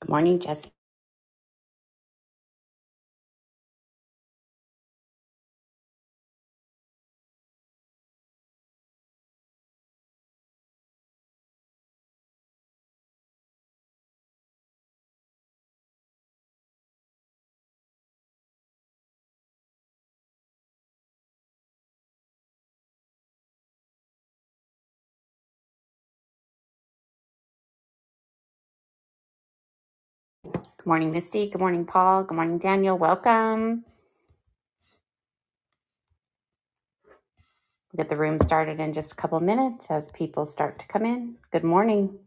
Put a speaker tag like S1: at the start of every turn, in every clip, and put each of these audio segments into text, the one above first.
S1: Good morning, Jesse. Good morning, Misty. Good morning, Paul. Good morning, Daniel. Welcome. We'll get the room started in just a couple minutes as people start to come in. Good morning.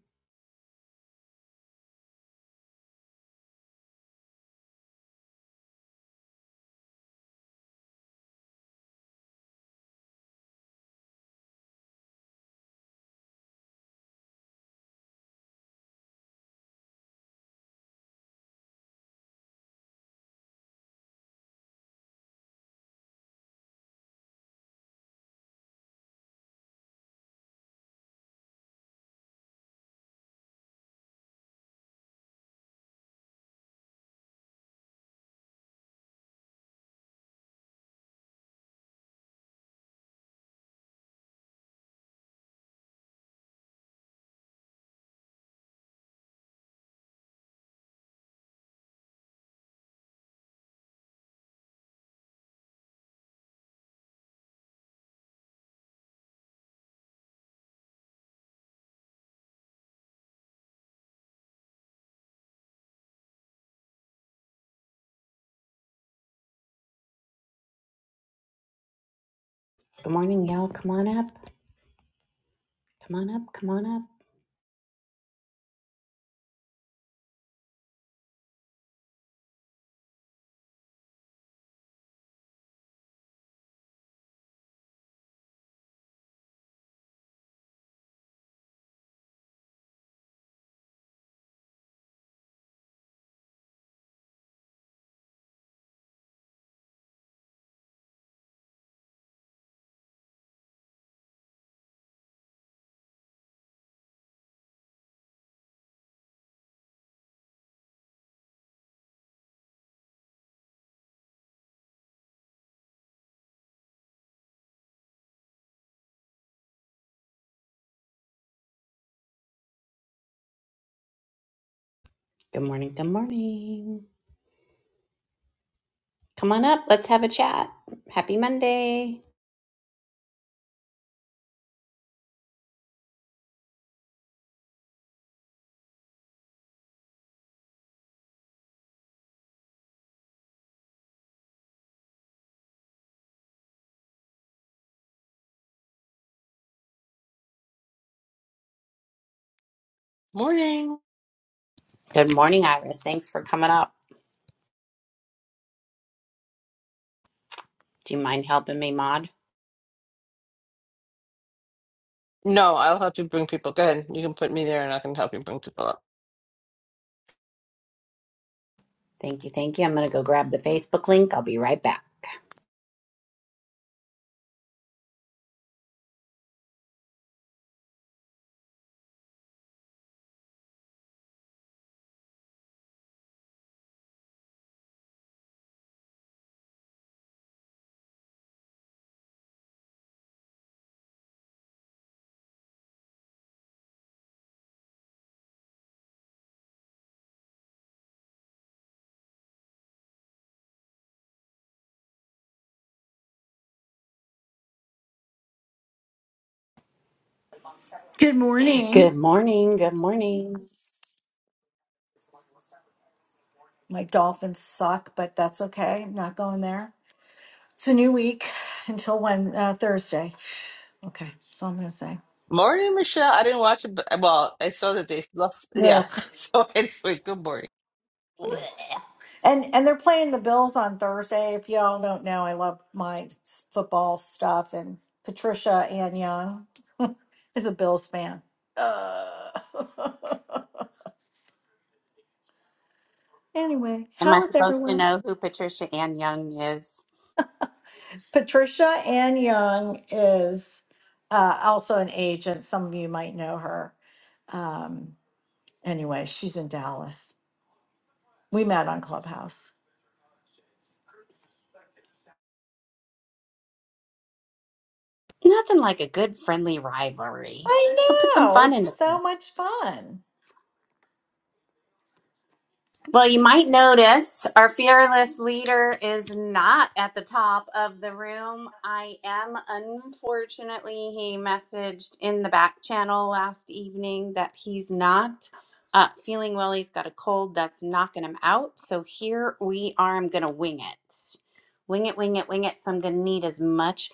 S1: Good morning, y'all. Come on up. Come on up. Come on up. Good morning. Good morning. Come on up. Let's have a chat. Happy Monday.
S2: Morning.
S1: Good morning, Iris. Thanks for coming up. Do you mind helping me, Maud?
S2: No, I'll help you bring people. Go ahead. You can put me there and I can help you bring people up.
S1: Thank you. Thank you. I'm going to go grab the Facebook link. I'll be right back.
S3: Good morning.
S1: Good morning. Good morning.
S3: My dolphins suck, but that's okay. Not going there. It's a new week until when uh, Thursday. Okay, that's all I'm gonna say.
S2: Morning, Michelle. I didn't watch it, but well, I saw that they lost. Yeah.
S3: Ugh.
S2: So anyway, good morning.
S3: Blech. And and they're playing the Bills on Thursday. If y'all don't know, I love my s- football stuff. And Patricia Ann Young is a Bills fan. Ugh. anyway,
S1: Am I
S3: how is
S1: supposed to
S3: everyone?
S1: know who Patricia Ann Young is?
S3: Patricia Ann Young is uh, also an agent. Some of you might know her. Um, anyway, she's in Dallas. We met on Clubhouse.
S1: Nothing like a good friendly rivalry. It'll put
S3: I
S1: some
S3: know.
S1: fun
S3: It's
S1: into
S3: so much fun.
S1: Well, you might notice our fearless leader is not at the top of the room. I am, unfortunately, he messaged in the back channel last evening that he's not uh, feeling well. He's got a cold that's knocking him out. So here we are. I'm going to wing it. Wing it, wing it, wing it. So I'm going to need as much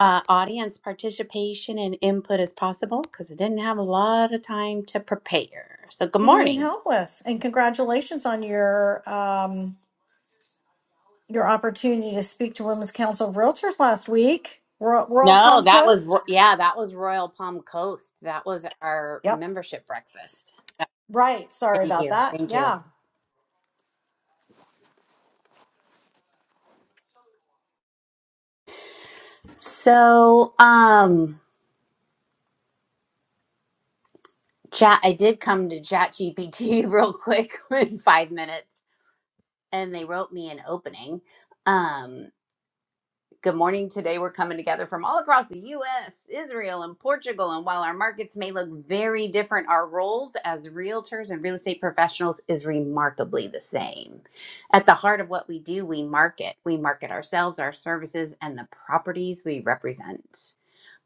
S1: uh, audience participation and input as possible because I didn't have a lot of time to prepare. So, good
S3: What do you need
S1: morning.
S3: help with? And congratulations on your um, your opportunity to speak to Women's Council of Realtors last week. We're, we're all
S1: No,
S3: Palm
S1: that was
S3: Coast?
S1: Ro- yeah, that was Royal Palm Coast. That was our
S3: Yep.
S1: membership breakfast.
S3: Right. Sorry
S1: Thank
S3: about
S1: you.
S3: that.
S1: Thank you.
S3: Yeah.
S1: So, um chat I did come to ChatGPT real quick in 5 minutes and they wrote me an opening. Um Good morning. Today, we're coming together from all across the US, Israel, and Portugal. And while our markets may look very different, our roles as realtors and real estate professionals is remarkably the same. At the heart of what we do, we market. We market ourselves, our services, and the properties we represent.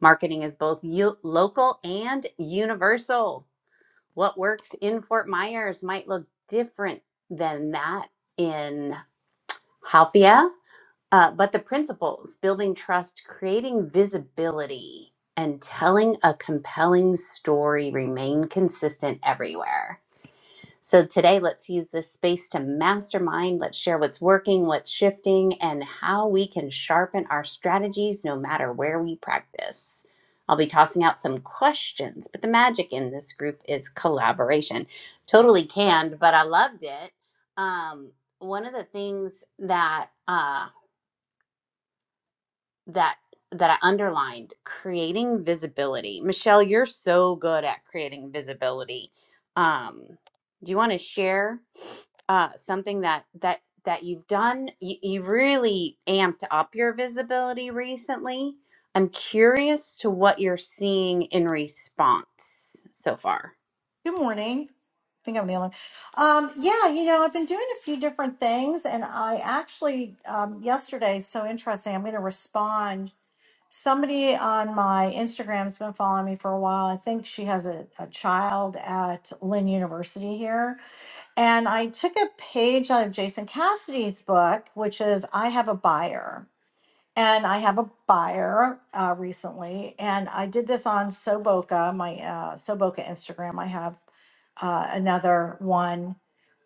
S1: Marketing is both u- local and universal. What works in Fort Myers might look different than that in Halfia uh, but the principles building trust, creating visibility, and telling a compelling story remain consistent everywhere. So, today, let's use this space to mastermind. Let's share what's working, what's shifting, and how we can sharpen our strategies no matter where we practice. I'll be tossing out some questions, but the magic in this group is collaboration. Totally canned, but I loved it. Um, one of the things that uh, that that I underlined creating visibility. Michelle, you're so good at creating visibility. Um, do you want to share uh, something that that that you've done? You, you've really amped up your visibility recently. I'm curious to what you're seeing in response so far.
S3: Good morning. I think I'm the only. one. Um, yeah, you know, I've been doing a few different things, and I actually um, yesterday so interesting. I'm going to respond. Somebody on my Instagram's been following me for a while. I think she has a, a child at Lynn University here, and I took a page out of Jason Cassidy's book, which is "I Have a Buyer." And I have a buyer uh, recently, and I did this on Soboka, my uh, Soboka Instagram. I have uh, another one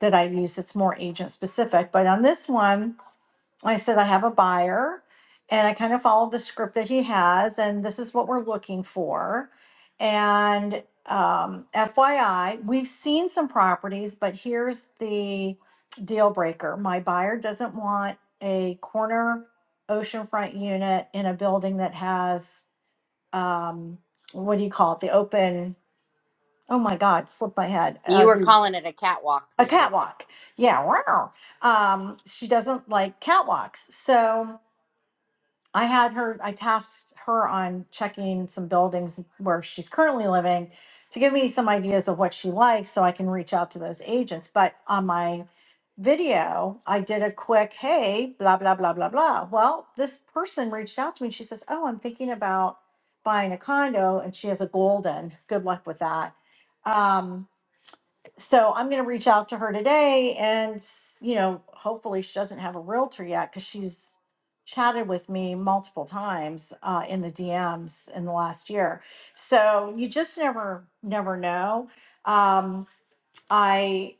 S3: that I use that's more agent specific. But on this one, I said I have a buyer and I kind of followed the script that he has, and this is what we're looking for. And um, FYI, we've seen some properties, but here's the deal breaker my buyer doesn't want a corner oceanfront unit in a building that has um, what do you call it? The open, oh my God, slipped my head. Uh,
S1: You were
S3: the
S1: calling it a catwalk
S3: a
S1: the other day.
S3: catwalk. Yeah, wow. Um, she doesn't like catwalks. So I had her, I tasked her on checking some buildings where she's currently living to give me some ideas of what she likes so I can reach out to those agents. But on my video, I did a quick, hey, blah, blah, blah, blah, blah. Well, this person reached out to me and she says, oh, I'm thinking about buying a condo and she has a golden. Good luck with that. Um, so I'm going to reach out to her today and, s- you know, hopefully she doesn't have a realtor yet because she's chatted with me multiple times uh, in the DMs in the last year. So you just never, never know. Um, I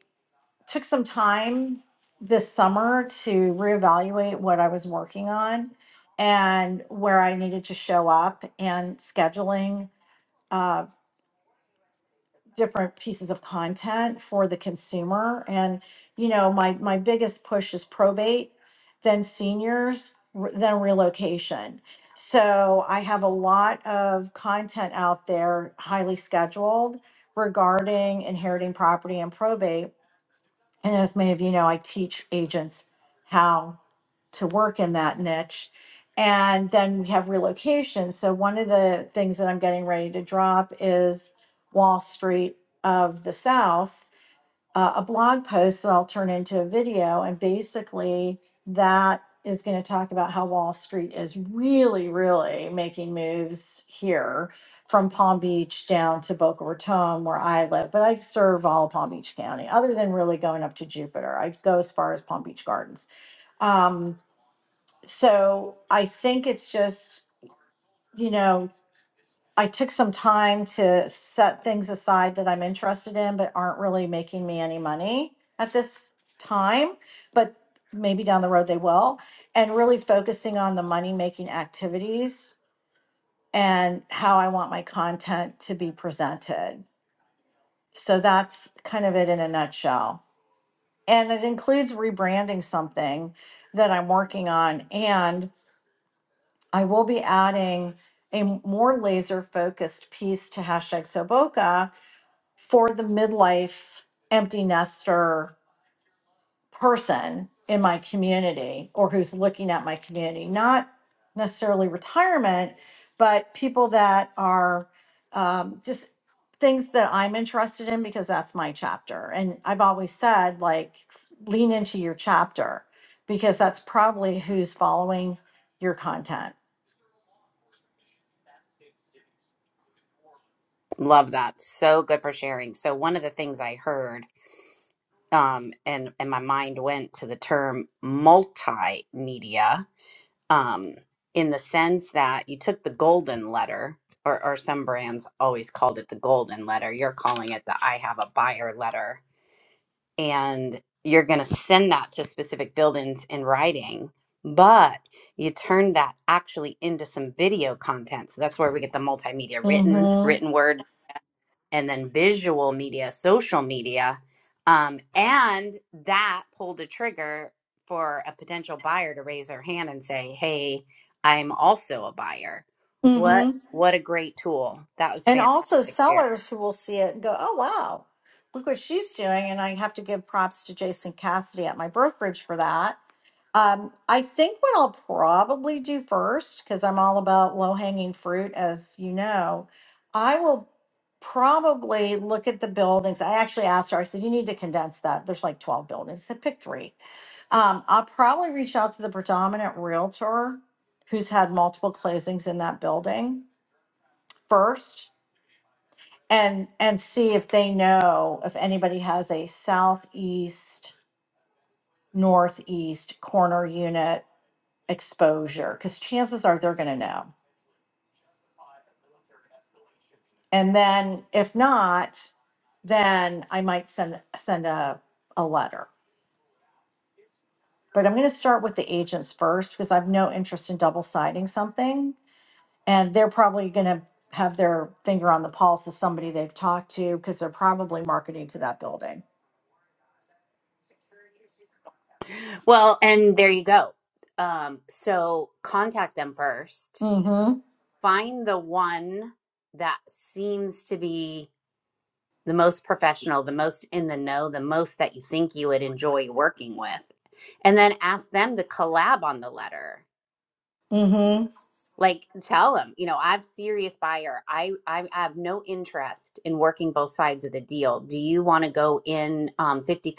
S3: took some time this summer to reevaluate what I was working on and where I needed to show up and scheduling. uh, different pieces of content for the consumer and you know my my biggest push is probate then seniors r- then relocation so i have a lot of content out there highly scheduled regarding inheriting property and probate and as many of you know i teach agents how to work in that niche. And then we have relocation. So one of the things that I'm getting ready to drop is Wall Street of the South, uh, a blog post that I'll turn into a video. And basically, that is going to talk about how Wall Street is really, really making moves here from Palm Beach down to Boca Raton, where I live. But I serve all of Palm Beach County, other than really going up to Jupiter. I go as far as Palm Beach Gardens. Um, so I think it's just, you know, I took some time to set things aside that I'm interested in, but aren't really making me any money at this time. But maybe down the road they will. And really focusing on the money making activities and how I want my content to be presented. So that's kind of it in a nutshell. And it includes rebranding something that I'm working on. and. I will be adding a more laser focused piece to hashtag Soboka for the midlife empty nester person in my community or who's looking at my community, not necessarily retirement, but people that are um, just things that I'm interested in because that's my chapter. And I've always said, like, lean into your chapter because that's probably who's following your content.
S1: Love that. So good for sharing. So one of the things I heard um, and and my mind went to the term multimedia um, in the sense that you took the golden letter, or, or some brands always called it the golden letter. You're calling it the I have a buyer letter, and you're going to send that to specific buildings in writing. But you turned that actually into some video content. So that's where we get the multimedia written,
S3: Mhm.
S1: written word, and then visual media, social media. Um, and that pulled a trigger for a potential buyer to raise their hand and say, Hey, I'm also a buyer. What
S3: Mm-hmm.
S1: what a great tool. That was
S3: And also
S1: fantastic there.
S3: sellers who will see it and go, oh, wow, look what she's doing. And I have to give props to Jason Cassidy at my brokerage for that. Um, I think what I'll probably do first, because I'm all about low hanging fruit, as you know, I will probably look at the buildings. I actually asked her, I said, you need to condense that. There's like 12 buildings. I said, pick three. Um, I'll probably reach out to the predominant realtor who's had multiple closings in that building first and and see if they know if anybody has a southeast northeast corner unit exposure because chances are they're going to know and then if not then i might send send a, a letter but i'm going to start with the agents first because i've no interest in double siding something and they're probably going to have their finger on the pulse of somebody they've talked to because they're probably marketing to that building
S1: Well, and there you go. Um, so contact them first.
S3: mm-hmm
S1: Find the one that seems to be the most professional, the most in the know, the most that you think you would enjoy working with. And then ask them to collab on the letter
S3: mm-hmm
S1: like tell them, you know i'm serious buyer i i have no interest in working both sides of the deal do you want to go in um 50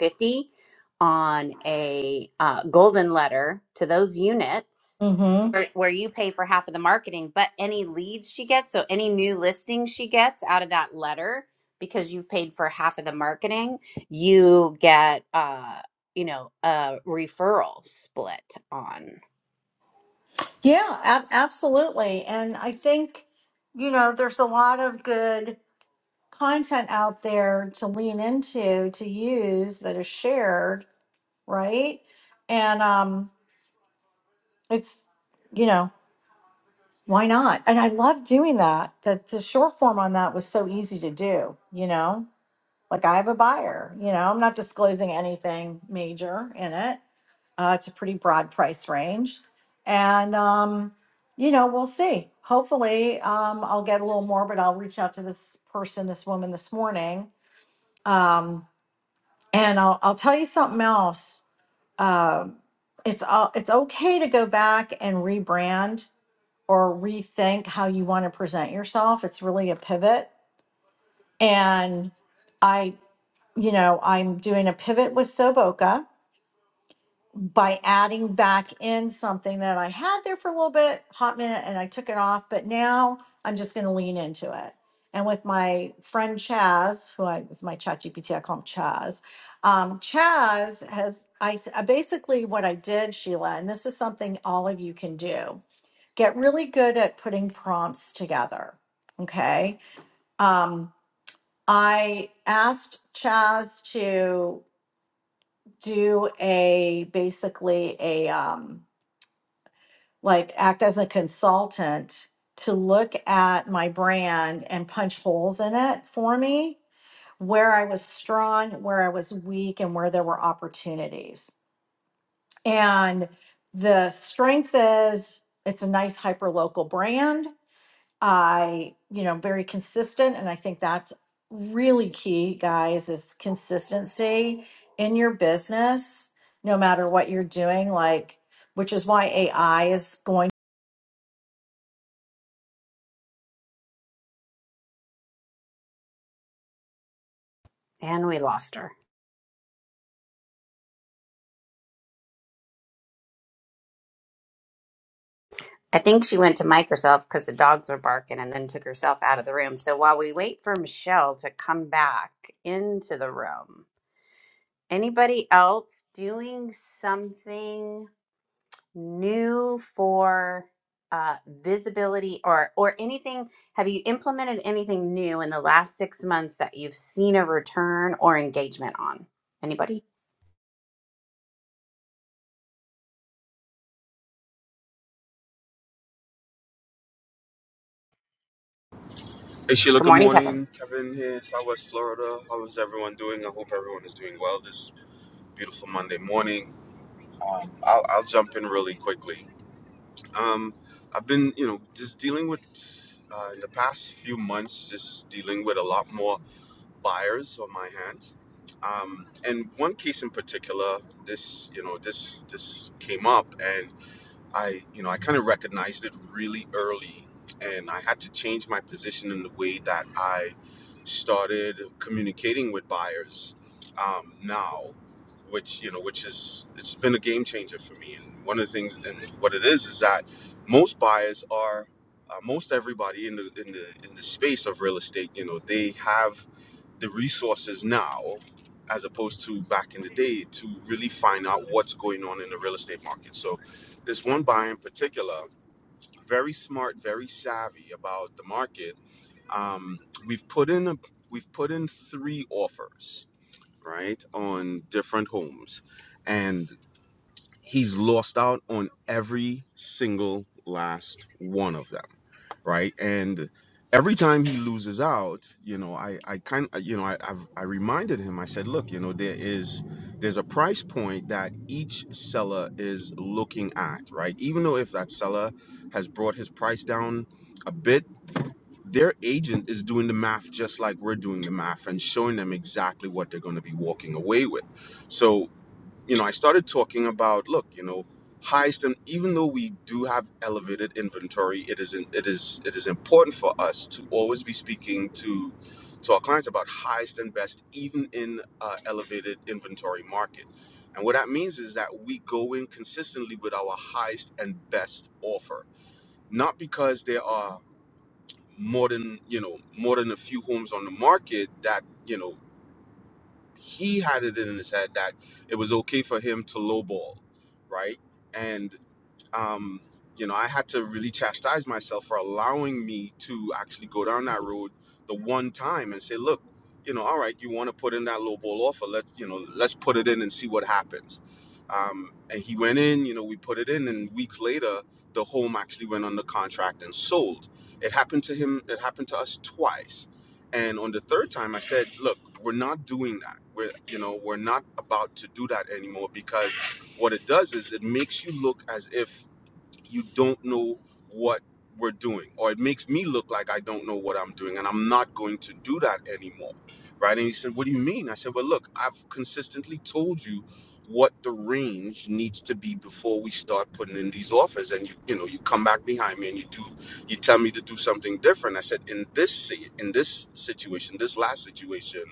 S1: on a uh, golden letter to those units
S3: mm-hmm
S1: where, where you pay for half of the marketing but any leads she gets so any new listings she gets out of that letter because you've paid for half of the marketing you get uh you know a referral split on
S3: Yeah, ab- absolutely. And I think, you know, there's a lot of good content out there to lean into, to use that is shared, right? And um it's, you know, why not? And I love doing that. That the short form on that was so easy to do, you know? Like I have a buyer, you know, I'm not disclosing anything major in it Uh, it's a pretty broad price range. And, um, you know, we'll see. Hopefully, um, I'll get a little more, but I'll reach out to this person, this woman this morning. Um, and I'll, I'll tell you something else. Um it's, uh, it's okay to go back and rebrand or rethink how you want to present yourself. It's really a pivot. And I, you know, I'm doing a pivot with Soboka by adding back in something that I had there for a little bit, hot minute, and I took it off, but now I'm just going to lean into it. And with my friend Chaz, who I is my chat GPT, I call him Chaz. Um, Chaz has, I s- I basically what I did, Sheila, and this is something all of you can do get really good at putting prompts together. Okay. Um, I asked Chaz to do a basically a, um, like act as a consultant to look at my brand and punch holes in it for me where I was strong, where I was weak, and where there were opportunities. And the strength is it's a nice hyperlocal brand. I, you know, very consistent. And I think that's really key, guys, is consistency in your business, no matter what you're doing. Like, which is why AI is going
S1: and we lost her I think she went to Microsoft because the dogs were barking and then took herself out of the room. So while we wait for Michelle to come back into the room, anybody else doing something new for uh, visibility or or anything? Have you implemented anything new in the last six months that you've seen a return or engagement on? Anybody?
S4: Hey Sheila,
S1: Good
S4: good
S1: morning, Kevin.
S4: morning. Kevin here, Southwest Florida. How is everyone doing? I hope everyone is doing well this beautiful Monday morning. Um, I'll, I'll jump in really quickly. Um, I've been, you know, just dealing with, uh, in the past few months, just dealing with a lot more buyers on my hands. Um, and one case in particular, this, you know, this, this came up and. I, you know, I kind of recognized it really early, and I had to change my position in the way that I started communicating with buyers um, now, which you know, which is it's been a game changer for me. And one of the things, and what it is, is that most buyers are. Uh, most everybody in the in the in the space of real estate, you know, they have the resources now as opposed to back in the day to really find out what's going on in the real estate market. So this one buyer in particular, very smart, very savvy about the market. Um, we've put in a, we've put in three offers, right, on different homes, and he's lost out on every single last one of them right? And every time he loses out, you know, I I kind of you know I I've, I reminded him. I said, look, you know, there is there's a price point that each seller is looking at, right? Even though if that seller has brought his price down a bit. Their agent is doing the math just like we're doing the math and showing them exactly what they're going to be walking away with. So you know, I started talking about, look, you know, highest, and even though we do have elevated inventory, it is in, it is it is important for us to always be speaking to to our clients about highest and best, even in uh, elevated inventory market. And what that means is that we go in consistently with our highest and best offer, not because there are more than you know more than a few homes on the market that you know he had it in his head that it was okay for him to lowball, right? And um, you know, I had to really chastise myself for allowing me to actually go down that road the one time and say, look, you know, all right, you want to put in that low ball offer, let's, you know, let's put it in and see what happens. Um, and he went in, you know, we put it in, and weeks later, the home actually went under contract and sold. It happened to him, it happened to us twice. And on the third time, I said, look, we're not doing that. We're, you know, we're not about to do that anymore because what it does is it makes you look as if you don't know what we're doing or it makes me look like i don't know what i'm doing and i'm not going to do that anymore right and he said what do you mean i said well look i've consistently told you what the range needs to be before we start putting in these offers and you you know you come back behind me and you do you tell me to do something different i said in this si- in this situation this last situation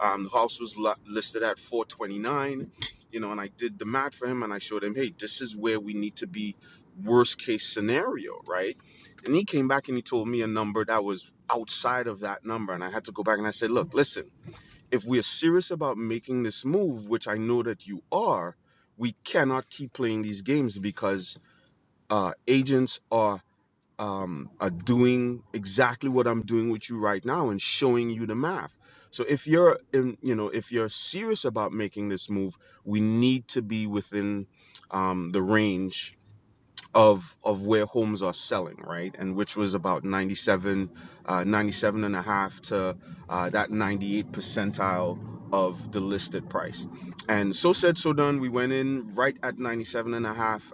S4: um, the house was lo- listed at 429, you know, and I did the math for him and I showed him, hey, this is where we need to be worst case scenario, right? And he came back and he told me a number that was outside of that number. And I had to go back and I said, look, listen, if we are serious about making this move, which I know that you are, we cannot keep playing these games because uh, agents are um, are doing exactly what I'm doing with you right now and showing you the math. So if you're in, you know, if you're serious about making this move, we need to be within um, the range of of where homes are selling right and which was about 97 uh, 97 and a half to uh, that 98 percentile of the listed price and so said so done we went in right at 97 and a half,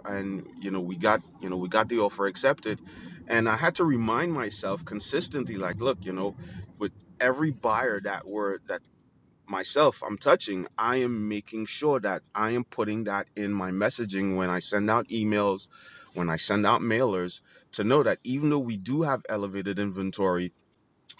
S4: and you know we got you know we got the offer accepted and i had to remind myself consistently like look you know with every buyer that were that myself I'm touching, I am making sure that I am putting that in my messaging when I send out emails, when I send out mailers to know that even though we do have elevated inventory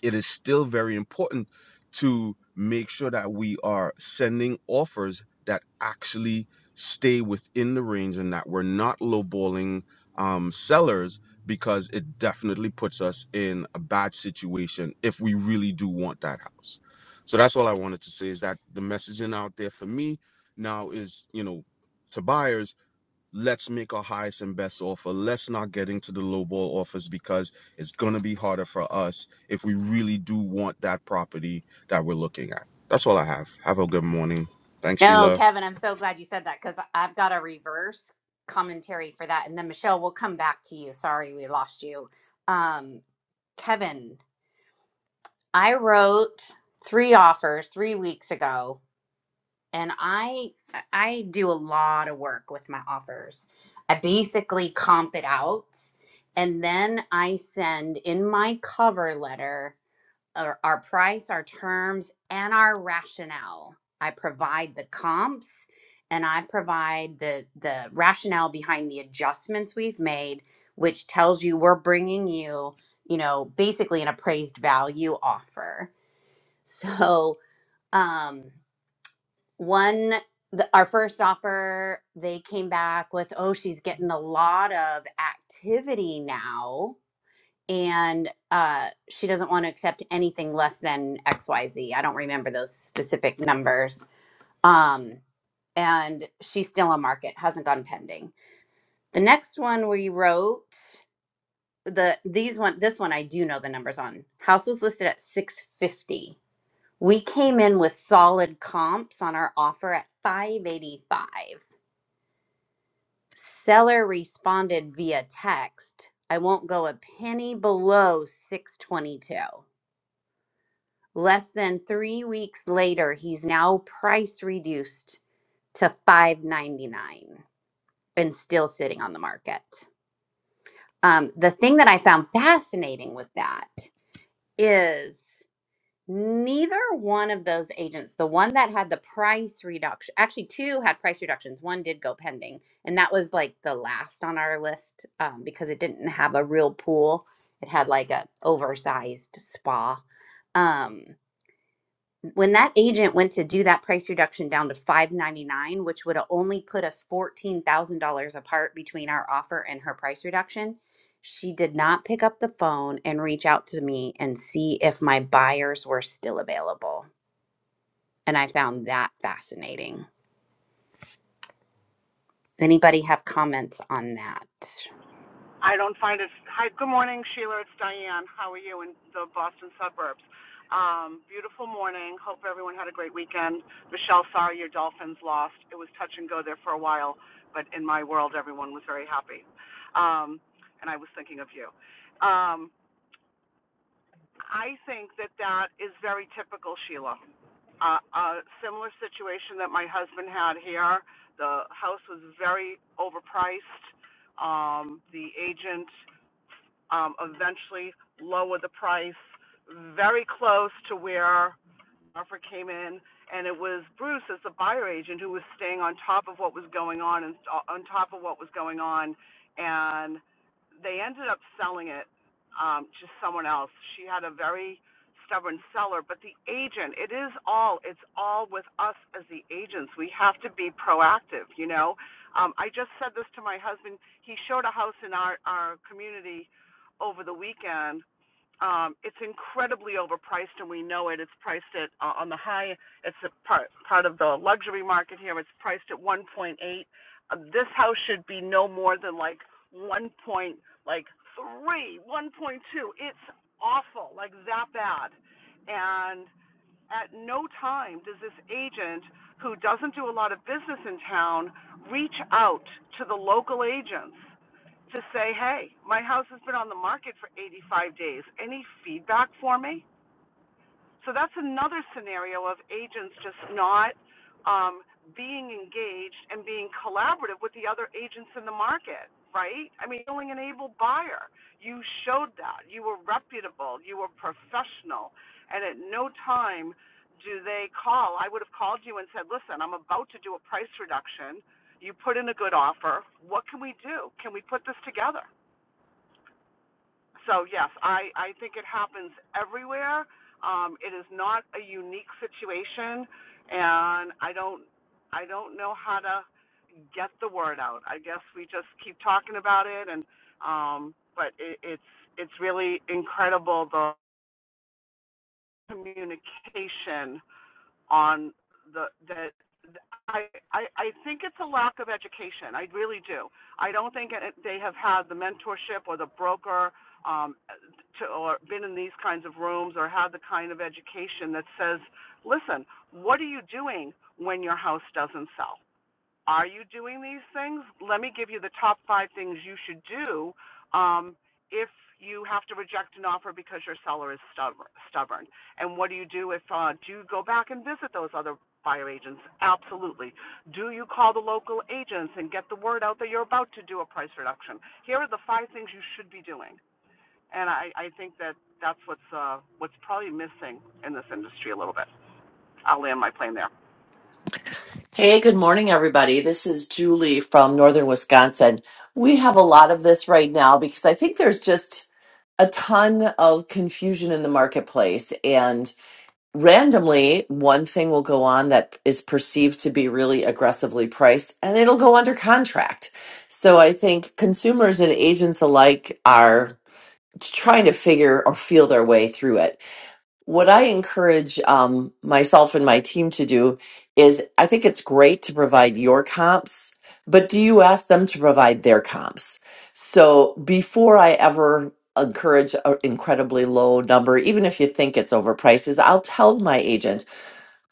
S4: it is still very important to make sure that we are sending offers that actually stay within the range and that we're not lowballing um, sellers because it definitely puts us in a bad situation if we really do want that house. So that's all I wanted to say is that the messaging out there for me now is, you know, to buyers let's make our highest and best offer. Let's not get into the lowball offers because it's going to be harder for us if we really do want that property that we're looking at. That's all I have. Have a good morning. Thanks,
S1: No,
S4: Sheila.
S1: Kevin, I'm so glad you said that because I've got a reverse commentary for that. And then Michelle, we'll come back to you. Sorry, we lost you. Um, Kevin, I wrote three offers three weeks ago, and I I do a lot of work with my offers. I basically comp it out, and then I send in my cover letter our, our price, our terms, and our rationale. I provide the comps and I provide the the rationale behind the adjustments we've made, which tells you we're bringing you, you know, basically an appraised value offer. So, um, one the, our first offer, they came back with, "Oh, she's getting a lot of activity now." and uh, she doesn't want to accept anything less than X Y Z. I don't remember those specific numbers. Um, and she's still on market, hasn't gone pending. The next one we wrote the these one this one I do know the numbers on. House was listed at 650. We came in with solid comps on our offer at 585. Seller responded via text, I won't go a penny below 622. Less than three weeks later, he's now price reduced to five ninety nine and still sitting on the market. Um, the thing that I found fascinating with that is neither one of those agents, the one that had the price reduction, actually two had price reductions, one did go pending, and that was like the last on our list um, because it didn't have a real pool. It had like a oversized spa. Um, when that agent went to do that price reduction down to 599 which would have only put us $14000 apart between our offer and her price reduction she did not pick up the phone and reach out to me and see if my buyers were still available and i found that fascinating anybody have comments on that
S5: I don't find it. Hi, good morning, Sheila. It's Diane. How are you in the Boston suburbs? Um, beautiful morning. Hope everyone had a great weekend. Michelle, sorry your Dolphins lost. It was touch and go there for a while, but in my world, everyone was very happy. Um, and I was thinking of you. Um, I think that that is very typical, Sheila. Uh, a similar situation that my husband had here. The house was very overpriced. Um, the agent um, eventually lower the price very close to where offer came in, and it was Bruce as the buyer agent who was staying on top of what was going on and uh, on top of what was going on, and they ended up selling it um, to someone else. She had a very stubborn seller, but the agent, it is all, it's all with us as the agents. We have to be proactive, you know. Um, I just said this to my husband. He showed a house in our, our community over the weekend um, it's incredibly overpriced, and we know it. It's priced at uh, on the high. It's a part part of the luxury market here. It's priced at 1.8. Uh, this house should be no more than like 1. Point, like 3, 1.2. It's awful, like that bad. And. At no time does this agent, who doesn't do a lot of business in town, reach out to the local agents to say, hey, my house has been on the market for 85 days. Any feedback for me? So that's another scenario of agents just not um, being engaged and being collaborative with the other agents in the market, right? I mean, feeling an able buyer. You showed that. You were reputable. You were professional. And at no time do they call. I would have called you and said, listen, I'm about to do a price reduction. You put in a good offer. What can we do? Can we put this together? So yes, I, I think it happens everywhere. Um, it is not a unique situation, and I don't I don't know how to get the word out. I guess we just keep talking about it, and um, but it, it's it's really incredible the communication on the that I, I I think it's a lack of education. I really do. I don't think it, they have had the mentorship or the broker um, to, or been in these kinds of rooms or had the kind of education that says, listen, what are you doing when your house doesn't sell? are you doing these things? Let me give you the top five things you should do um, if you have to reject an offer because your seller is stubborn. stubborn. And what do you do if uh, do you go back and visit those other buyer agents? Absolutely. Do you call the local agents and get the word out that you're about to do a price reduction? Here are the five things you should be doing. And I, I think that that's what's uh, what's probably missing in this industry a little bit. I'll land my plane there.
S6: Hey, good morning, everybody. This is Julie from Northern Wisconsin. We have a lot of this right now because I think there's just a ton of confusion in the marketplace. And randomly, one thing will go on that is perceived to be really aggressively priced and it'll go under contract. So I think consumers and agents alike are trying to figure or feel their way through it what I encourage um, myself and my team to do is I think it's great to provide your comps, but do you ask them to provide their comps? So before I ever encourage an incredibly low number, even if you think it's overpriced, is I'll tell my agent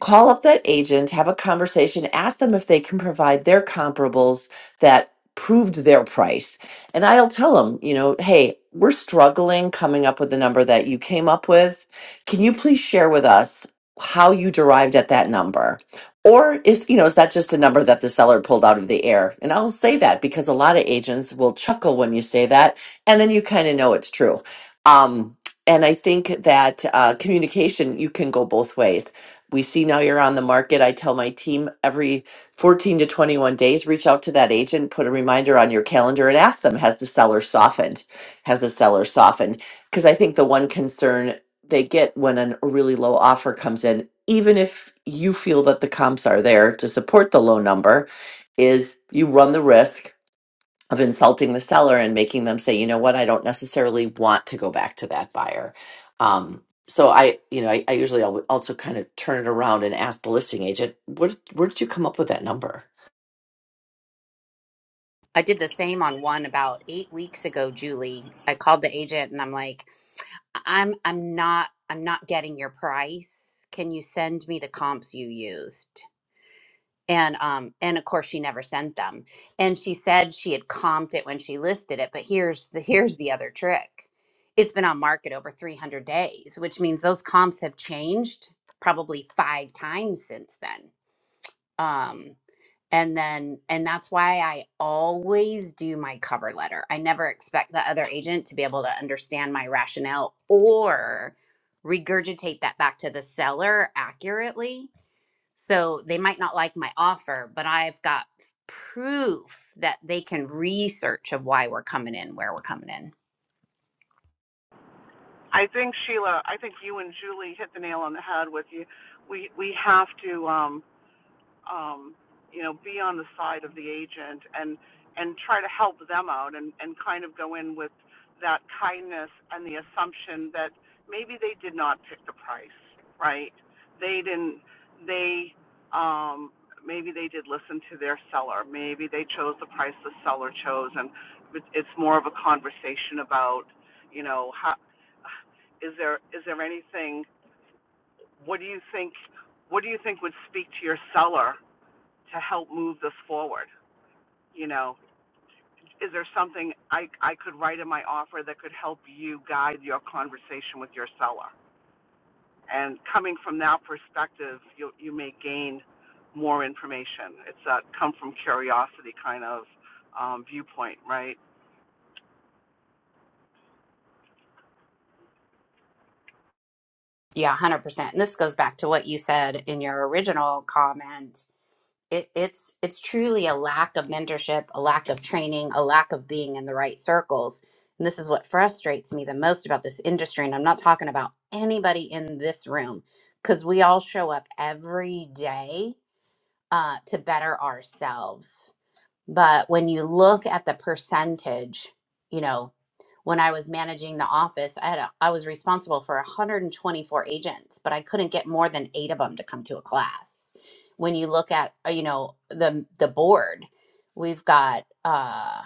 S6: Call up that agent, have a conversation, ask them if they can provide their comparables that proved their price. And I'll tell them, you know, hey, we're struggling coming up with the number that you came up with. Can you please share with us how you derived at that number? Or is, you know, is that just a number that the seller pulled out of the air? And I'll say that because a lot of agents will chuckle when you say that, and then you kind of know it's true. Um, and I think that uh, communication, you can go both ways. We see now you're on the market. I tell my team every 14 to 21 days, reach out to that agent, put a reminder on your calendar and ask them, has the seller softened? Has the seller softened? Because I think the one concern they get when an, a really low offer comes in, even if you feel that the comps are there to support the low number, is you run the risk of insulting the seller and making them say, you know what, I don't necessarily want to go back to that buyer. Um, so I, you know, I, I usually al- also kind of turn it around and ask the listing agent, where, where did you come up with that number?
S1: I did the same on one about eight weeks ago, Julie. I called the agent and I'm like, I'm I'm not I'm not getting your price. Can you send me the comps you used? And um and of course she never sent them. And she said she had comped it when she listed it, but here's the here's the other trick. It's been on market over 300 days, which means those comps have changed probably 5 times since then. Um and then and that's why i always do my cover letter i never expect the other agent to be able to understand my rationale or regurgitate that back to the seller accurately so they might not like my offer but i've got proof that they can research of why we're coming in where we're coming in
S5: I think Sheila, I think you and Julie hit the nail on the head with you. We we have to um um, you know, be on the side of the agent and and try to help them out and and kind of go in with that kindness and the assumption that maybe they did not pick the price, right? They didn't. They um, maybe they did listen to their seller. Maybe they chose the price the seller chose, and it's more of a conversation about, you know, how is there is there anything? What do you think? What do you think would speak to your seller to help move this forward? You know, is there something I, I could write in my offer that could help you guide your conversation with your seller? And coming from that perspective, you, you may gain more information. It's that come from curiosity kind of um, viewpoint, right?
S1: Yeah, one hundred percent. And this goes back to what you said in your original comment. It, it's it's truly a lack of mentorship, a lack of training, a lack of being in the right circles. And this is what frustrates me the most about this industry. And I'm not talking about anybody in this room because we all show up every day uh, to better ourselves but when you look at the percentage, you know, when I was managing the office, I had a, I was responsible for 124 agents, but I couldn't get more than 8 of them to come to a class. When you look at, uh, you know, the the board, we've got uh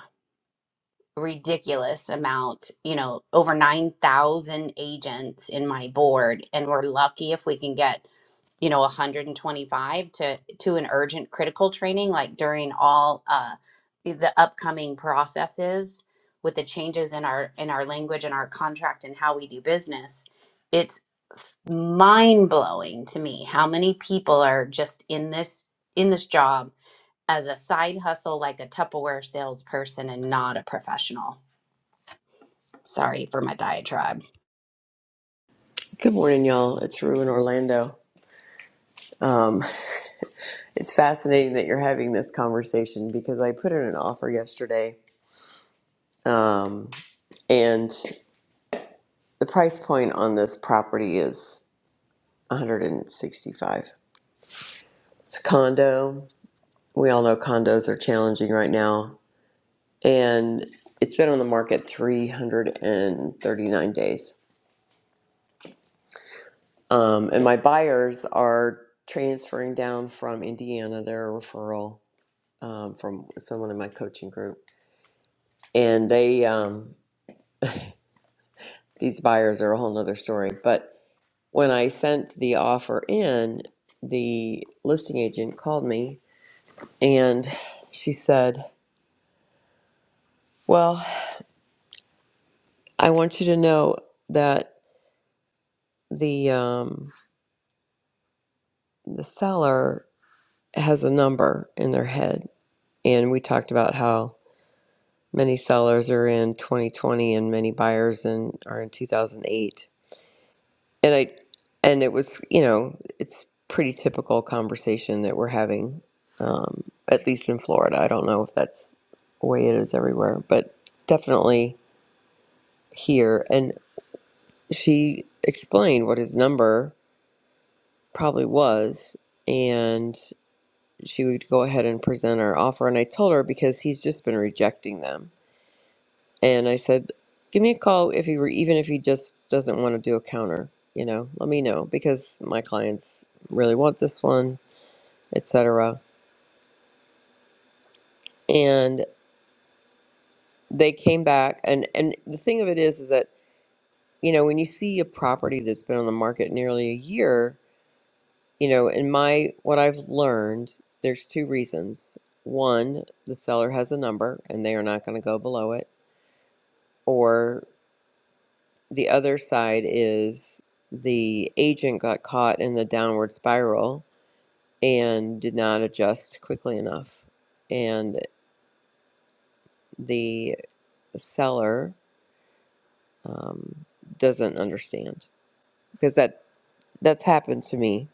S1: ridiculous amount, you know, over 9,000 agents in my board and we're lucky if we can get you know 125 to to an urgent critical training like during all uh the the upcoming processes with the changes in our in our language and our contract and how we do business it's mind blowing to me how many people are just in this in this job as a side hustle like a Tupperware salesperson and not a professional sorry for my diatribe
S7: Good morning, y'all. It's Rue in Orlando. Um, it's fascinating that you're having this conversation because I put in an offer yesterday, um, and the price point on this property is 165. It's a condo. We all know condos are challenging right now, and it's been on the market 339 days. Um, and my buyers are transferring down from Indiana, They're a referral um, from someone in my coaching group and they um these buyers are a whole nother story but when i sent the offer in the listing agent called me and she said well i want you to know that the um the seller has a number in their head and we talked about how many sellers are in 2020 and many buyers in, are in 2008 and I and it was you know it's pretty typical conversation that we're having, um, at least in Florida. I don't know if that's the way it is everywhere, but definitely here. And she explained what his number probably was, and she would go ahead and present our offer. And I told her because he's just been rejecting them, and I said, give me a call if he were even if he just doesn't want to do a counter. You know, let me know because my clients really want this one etc. And they came back, and and the thing of it is, is that you know when you see a property that's been on the market nearly a year, you know, in my what I've learned, there's two reasons. One, the seller has a number, and they are not going to go below it, or the other side is the agent got caught in the downward spiral and did not adjust quickly enough, and the seller um, doesn't understand because that that's happened to me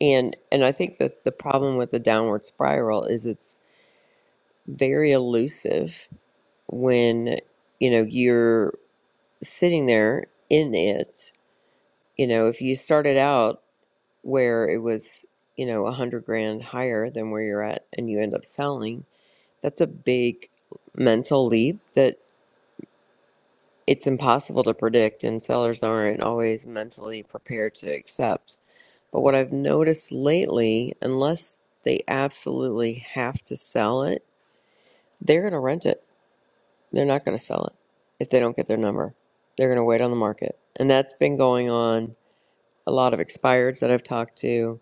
S7: and and i think that the problem with the downward spiral is it's very elusive when you know you're sitting there in it you know if you started out where it was you know a hundred grand higher than where you're at and you end up selling that's a big mental leap that it's impossible to predict and sellers aren't always mentally prepared to accept But what I've noticed lately, unless they absolutely have to sell it, they're going to rent it. They're not going to sell it if they don't get their number. They're going to wait on the market. And that's been going on. A lot of expireds that I've talked to,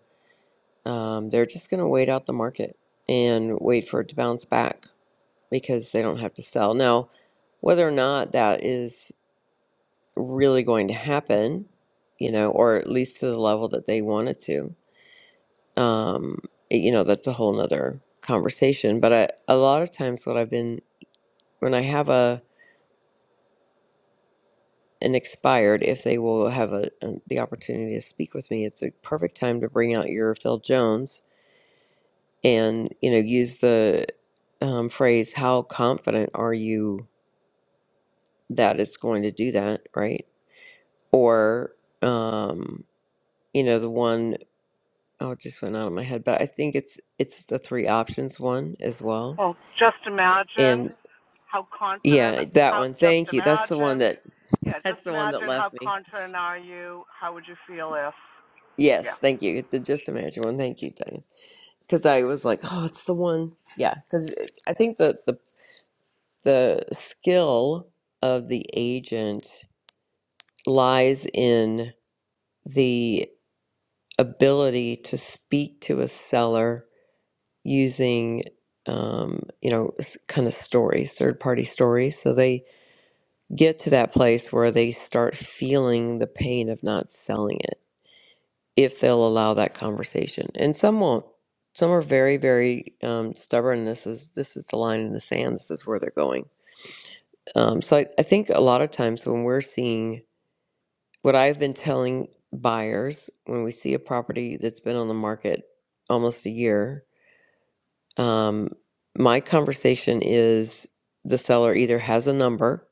S7: um, they're just going to wait out the market and wait for it to bounce back because they don't have to sell. Now, whether or not that is really going to happen, you know, or at least to the level that they want it to, um you know that's a whole nother conversation but I, a lot of times what i've been when i have a an expired if they will have a, a the opportunity to speak with me it's a perfect time to bring out your phil jones and you know use the um, phrase how confident are you that it's going to do that right or um you know the one oh it just went out of my head but i think it's it's the three options one as well
S5: Well, just imagine how confident,
S7: Yeah, that
S5: how,
S7: one.
S5: just
S7: Thank you. That's the one
S5: imagine
S7: that
S5: yeah, just
S7: that's the one that
S5: imagine how
S7: left me.
S5: confident are you? How would you feel if? Yeah.
S7: Yes, thank you. It's the just imagine one. Thank you, Diane. Because I was like, oh, it's the one. Yeah, because I think the the the skill of the agent lies in the ability to speak to a seller using um, you know kind of stories third party stories so they get to that place where they start feeling the pain of not selling it if they'll allow that conversation. And some won't. Some are very, very um, stubborn. This is this is the line in the sand. This is where they're going. Um, so I, I think a lot of times when we're seeing what I've been telling buyers when we see a property that's been on the market almost a year, um, my conversation is the seller either has a number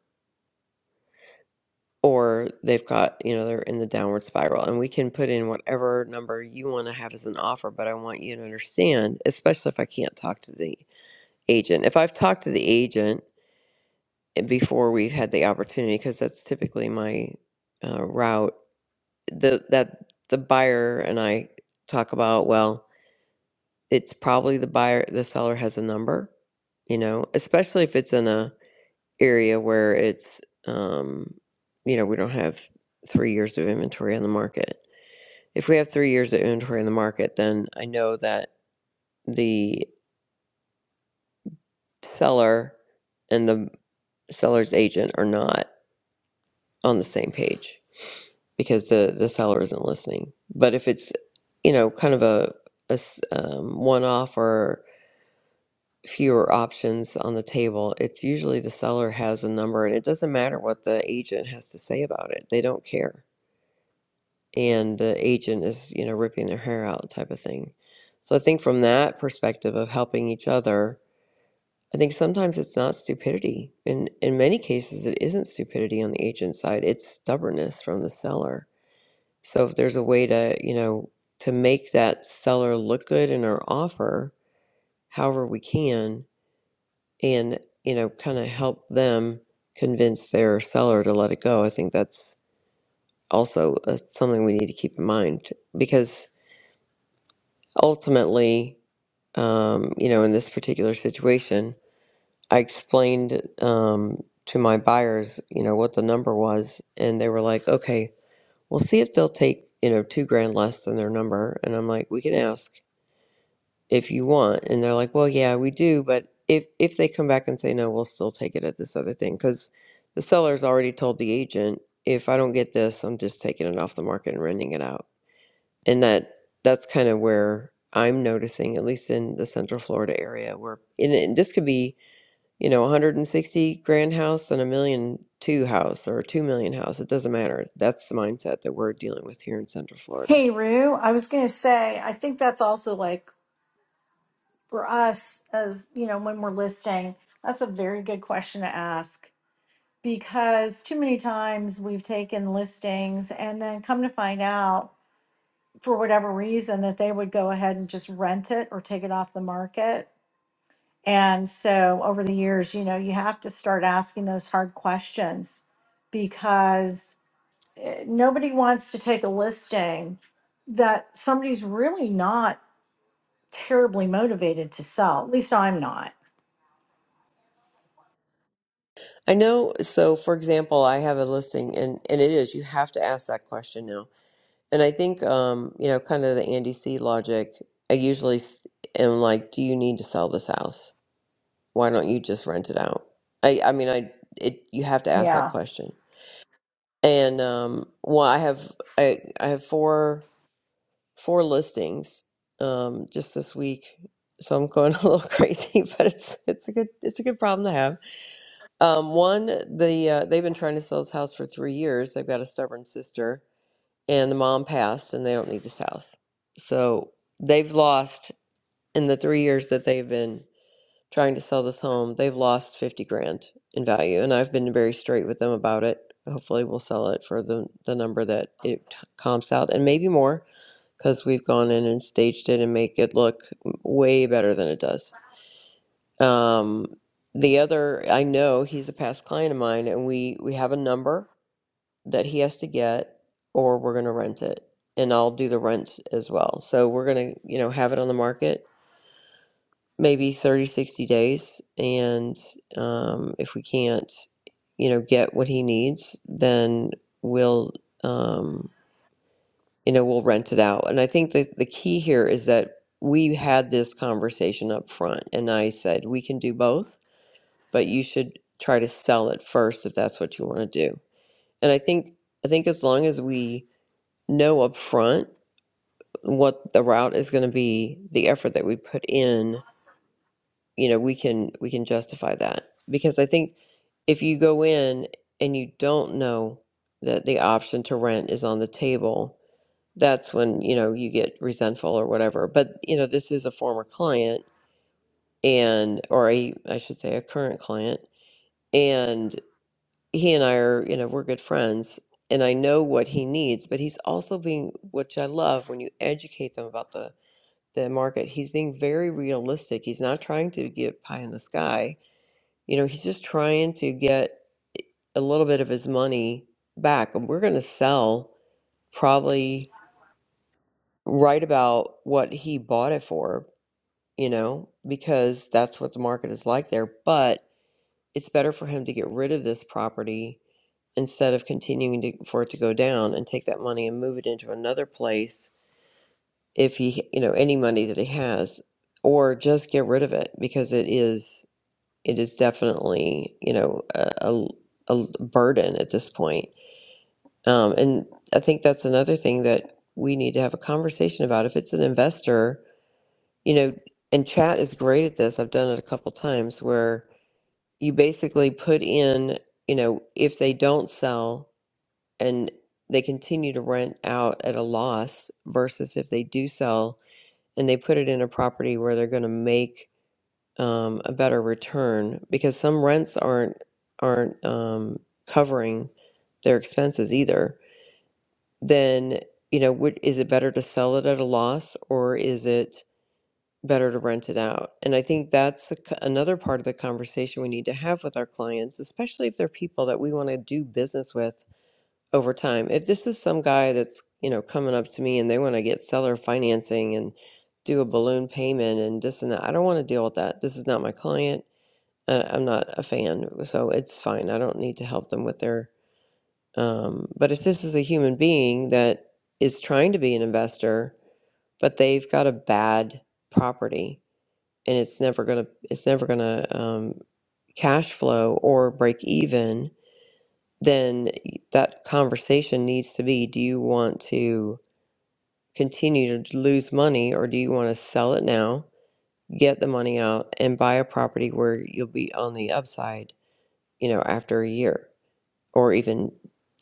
S7: or they've got you know they're in the downward spiral and we can put in whatever number you want to have as an offer but i want you to understand especially if i can't talk to the agent if i've talked to the agent eh, before we've had the opportunity because that's typically my uh, route the that the buyer and i talk about well it's probably the buyer the seller has a number you know especially if it's in a area where it's um you know we don't have three years of inventory on the market if we have three years of inventory on the market then i know that the seller and the seller's agent are not on the same page because the the seller isn't listening but if it's you know kind of a, a s- um, one-off or fewer options on the table it's usually the seller has a number and it doesn't matter what the agent has to say about it they don't care and the agent is you know ripping their hair out type of thing so i think from that perspective of helping each other i think sometimes it's not stupidity in in many cases it isn't stupidity on the agent side it's stubbornness from the seller so if there's a way to you know to make that seller look good in our offer however we can and you know kind of help them convince their seller to let it go i think that's also uh, something we need to keep in mind because ultimately, um, you know, in this particular situation, I explained um, to my buyers, you know, what the number was, and they were like, "Okay, we'll see if they'll take, you know, two grand less than their number." And I'm like, "We can ask if you want," and they're like, "Well, yeah, we do, but if if they come back and say no, we'll still take it at this other thing because the seller's already told the agent." If I don't get this, I'm just taking it off the market and renting it out and that that's kind of where I'm noticing, at least in the Central Florida area, where and, and this could be you know 160 grand house and a million two house or a two million house. It doesn't matter. That's the mindset that we're dealing with here in Central Florida.
S3: Hey, Rue. I was going to say, I think that's also like for us, as you know, when we're listing, that's a very good question to ask because too many times we've taken listings and then come to find out for whatever reason that they would go ahead and just rent it or take it off the market. And so over the years, you know, you have to start asking those hard questions because eh, nobody wants to take a listing that somebody's really not terribly motivated to sell. At least I'm not.
S7: I know. So, for example, I have a listing, and and it is you have to ask that question now. And I think um, you know, kind of the Andy C logic. I usually s- am like, do you need to sell this house? why don't you just rent it out? I I mean I it you have to ask that
S3: Yeah.
S7: question. And um well I have I I have four four listings um just this week. So I'm going a little crazy, but it's it's a good it's a good problem to have. Um one the uh, they've been trying to sell this house for 3 years. They've got a stubborn sister and the mom passed and they don't need this house. So they've lost in the 3 years that they've been trying to sell this home. They've lost 50 grand in value, and I've been very straight with them about it. Hopefully, we'll sell it for the, the number that it t- comps out, and maybe more because we've gone in and staged it and make it look way better than it does. Um, the other, I know he's a past client of mine, and we we have a number that he has to get, or we're going to rent it, and I'll do the rent as well. So we're going to, you know, have it on the market maybe 30, 60 days and um, if we can't you know get what he needs then we'll um, you know we'll rent it out and i think that the key here is that we had this conversation up front and i said we can do both but you should try to sell it first if that's what you want to do and i think i think as long as we know up front what the route is going to be the effort that we put in you know we can we can justify that because i think if you go in and you don't know that the option to rent is on the table that's when you know you get resentful or whatever but you know this is a former client and or a i should say a current client and he and i are you know we're good friends and i know what he needs but he's also being which i love when you educate them about the the market he's being very realistic he's not trying to get pie in the sky you know, he's just trying to get a little bit of his money back. And we're going to sell probably right about what he bought it for, you know, because that's what the market is like there. But it's better for him to get rid of this property instead of continuing to, for it to go down and take that money and move it into another place if he, you know, any money that he has, or just get rid of it because it is, it is definitely, you know, a, a a burden at this point Um, and I think that's another thing that we need to have a conversation about. If it's an investor, you know, and chat is great at this. I've done it a couple times where you basically put in, you know, if they don't sell and they continue to rent out at a loss versus if they do sell and they put it in a property where they're going to make um, a better return because some rents aren't aren't um, covering their expenses either. then you know would is it better to sell it at a loss or is it better to rent it out and i think that's a c another part of the conversation we need to have with our clients especially if they're people that we want to do business with over time if this is some guy that's you know coming up to me and they want to get seller financing and do a balloon payment and this and that i don't want to deal with that this is not my client and i'm not a fan so it's fine i don't need to help them with their um, but if this is a human being that is trying to be an investor, but they've got a bad property and it's never gonna it's never gonna um, cash flow or break even, then that conversation needs to be: Do you want to continue to lose money, or do you want to sell it now, get the money out, and buy a property where you'll be on the upside, you know, after a year? or even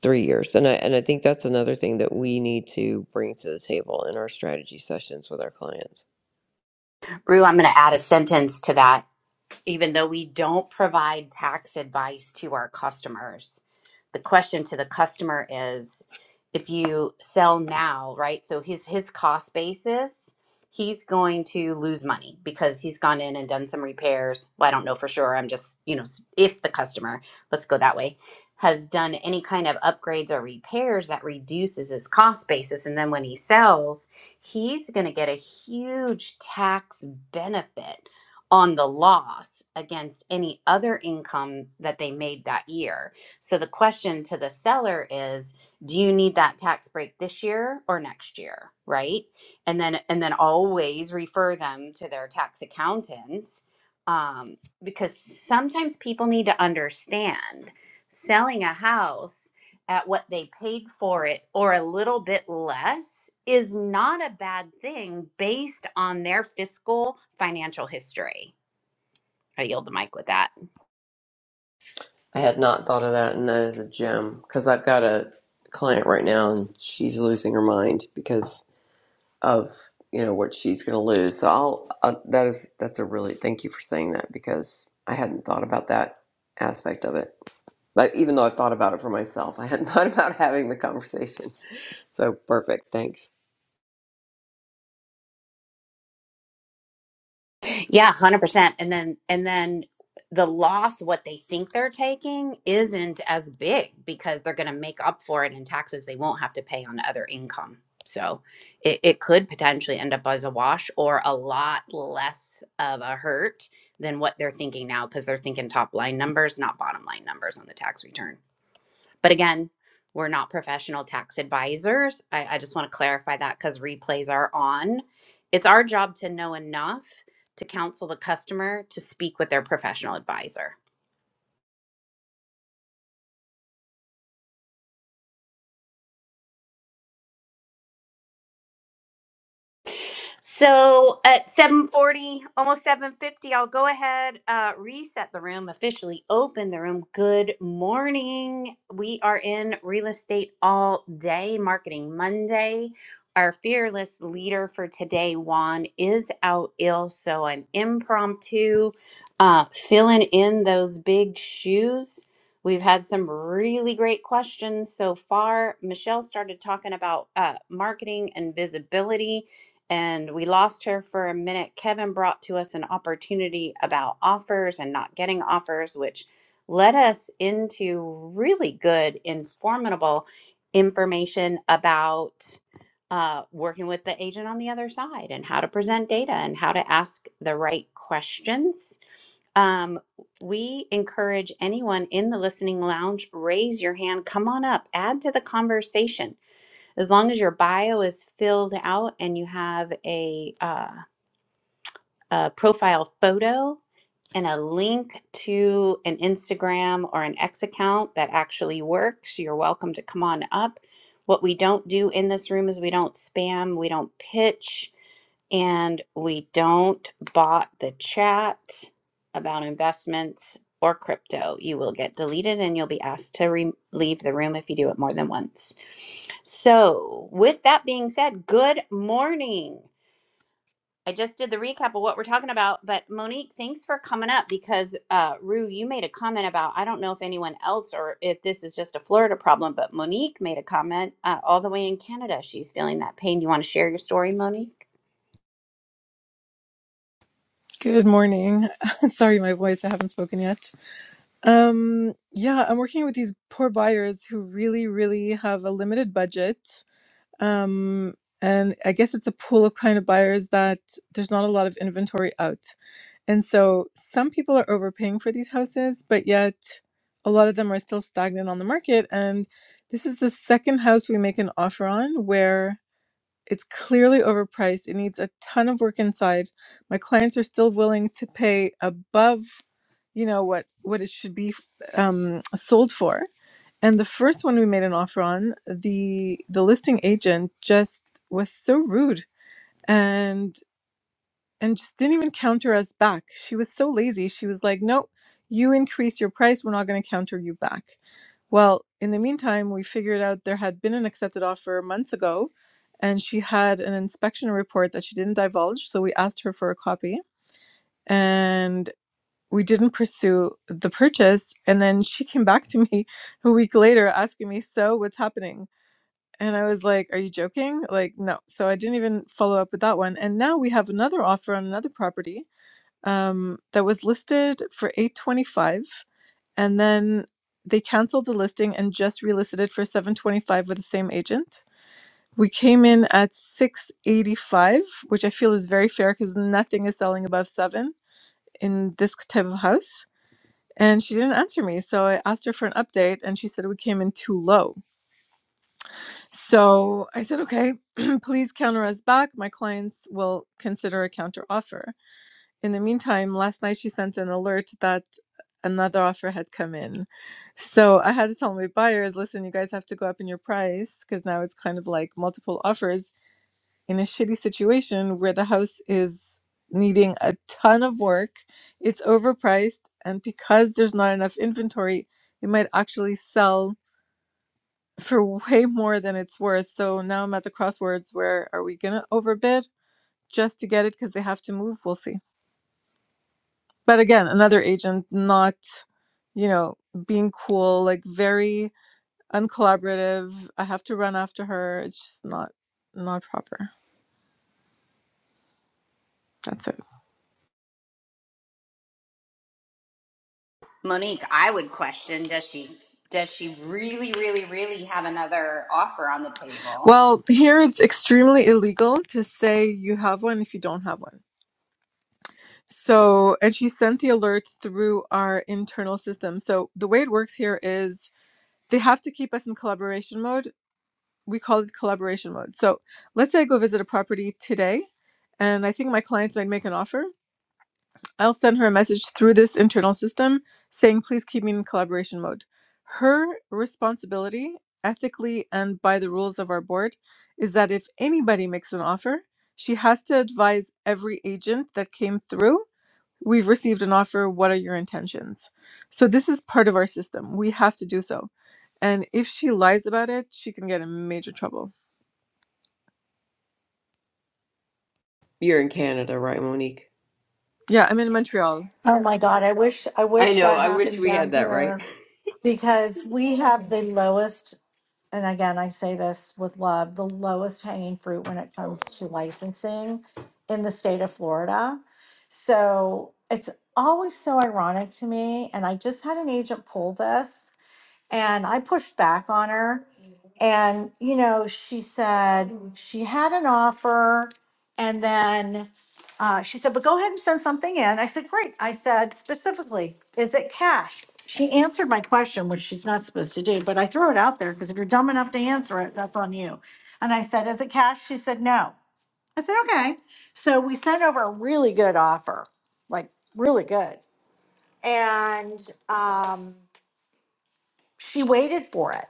S7: three years. And I and I think that's another thing that we need to bring to the table in our strategy sessions with our clients.
S1: Rue, I'm going to add a sentence to that. even though we don't provide tax advice to our customers, the question to the customer is if you sell now, right? So his his cost basis, he's going to lose money because he's gone in and done some repairs. Well, I don't know for sure. I'm just, you know, s- if the customer, let's go that way, has done any kind of upgrades or repairs that reduces his cost basis and then when he sells, he's going to get a huge tax benefit on the loss against any other income that they made that year. So the question to the seller is, do you need that tax break this year or next year, right? And then and then always refer them to their tax accountant um, because sometimes people need to understand selling a house at what they paid for it or a little bit less is not a bad thing based on their fiscal financial history. I yield the mic with that.
S7: I had not thought of that, and that is a gem because I've got a client right now, and she's losing her mind because of you know what she's going to lose. So I'll uh, that is that's a really thank you for saying that because I hadn't thought about that aspect of it. But even though I've thought about it for myself, I hadn't thought about having the conversation. So perfect, thanks.
S1: Yeah, one hundred percent. And then and then the loss of what they think they're taking isn't as big because they're gonna make up for it in taxes they won't have to pay on other income. So it, it could potentially end up as a wash or a lot less of a hurt than what they're thinking now because they're thinking top line numbers, not bottom line numbers on the tax return. But again, we're not professional tax advisors. I, I just want to clarify that because replays are on. It's our job to know enough to counsel the customer to speak with their professional advisor. So at 7:40, almost 7:50, I'll go ahead uh reset the room, officially open the room. Good morning. We are in real estate all day, marketing Monday. Our fearless leader for today, Juan, is out ill, so an impromptu uh filling in those big shoes. We've had some really great questions so far. Michelle started talking about uh, marketing and visibility and we lost her for a minute. Kevin brought to us an opportunity about offers and not getting offers, which led us into really good, informative information about uh, working with the agent on the other side and how to present data and how to ask the right questions. Um, we encourage anyone in the listening lounge, raise your hand, come on up, add to the conversation as long as your bio is filled out and you have a, uh, a profile photo and a link to an Instagram or an X account that actually works, you're welcome to come on up. What we don't do in this room is we don't spam, we don't pitch and we don't bot the chat about investments or crypto. You will get deleted and you'll be asked to re- leave the room if you do it more than once. So, with that being said, good morning. I just did the recap of what we're talking about, but Monique, thanks for coming up because uh, Rue, you made a comment about I don't know if anyone else or if this is just a Florida problem, but Monique made a comment uh, all the way in Canada. She's feeling that pain. You want to share your story, Monique?
S8: Good morning. Sorry, my voice, I haven't spoken yet. Um, yeah, I'm working with these poor buyers who really, really have a limited budget. Um, and I guess it's a pool of kind of buyers that there's not a lot of inventory out. And so some people are overpaying for these houses, but yet a lot of them are still stagnant on the market. And this is the second house we make an offer on where it's clearly overpriced. It needs a ton of work inside. My clients are still willing to pay above, you know, what what it should be um, sold for. And the first one we made an offer on, the the listing agent just was so rude and and just didn't even counter us back. She was so lazy. She was like, "Nope, you increase your price. We're not going to counter you back." Well, in the meantime, we figured out there had been an accepted offer months ago, and she had an inspection report that she didn't divulge. So we asked her for a copy, and we didn't pursue the purchase. And then she came back to me a week later asking me, "So, what's happening?" And I was like, Are you joking? Like, no. So I didn't even follow up with that one. And now we have another offer on another property um, that was listed for 825 and then they canceled the listing and just relisted it for 725 with the same agent we came in at 685 which i feel is very fair because nothing is selling above 7 in this type of house and she didn't answer me so i asked her for an update and she said we came in too low so i said okay please counter us back my clients will consider a counter offer In the meantime, last night she sent an alert that another offer had come in. So I had to tell my buyers, listen, you guys have to go up in your price because now it's kind of like multiple offers in a shitty situation where the house is needing a ton of work, it's overpriced, and because there's not enough inventory, it might actually sell for way more than it's worth. So now I'm at the crossroads: where are we going to overbid just to get it because they have to move? We'll see. but again another agent not you know being cool like very uncollaborative i have to run after her it's just not not proper that's it
S1: Monique, I would question does she does she really really really have another offer on the table?
S8: well here it's extremely illegal to say you have one if you don't have one so and she sent the alert through our internal system so the way it works here is they have to keep us in collaboration mode we call it collaboration mode so let's say i go visit a property today and i think my clients might make an offer I'll send her a message through this internal system saying, please keep me in collaboration mode. Her responsibility, ethically and by the rules of our board, is that if anybody makes an offer, she has to advise every agent that came through. We've received an offer. What are your intentions? So, this is part of our system. We have to do so. And if she lies about it, she can get in major trouble.
S7: You're in Canada, right, Monique?
S8: Yeah, I'm in Montreal.
S3: Oh my God, I wish I
S7: I
S3: wish
S7: know.
S3: that
S7: I wish
S3: happened
S7: we had
S3: down
S7: that right.
S3: here because we have the lowest, and again, I say this with love, the lowest hanging fruit when it comes to licensing in the state of Florida. So it's always so ironic to me. And I just had an agent pull this. And I pushed back on her. And, you know, she said she had an offer. And then uh, she said, but go ahead and send something in. I said, great. I said, specifically, is it cash? She answered my question, which she's not supposed to do, but I threw it out there because if you're dumb enough to answer it, that's on you. And I said, is it cash? She said, no. I said, okay. So we sent over a really good offer, like really good. And um, she waited for it.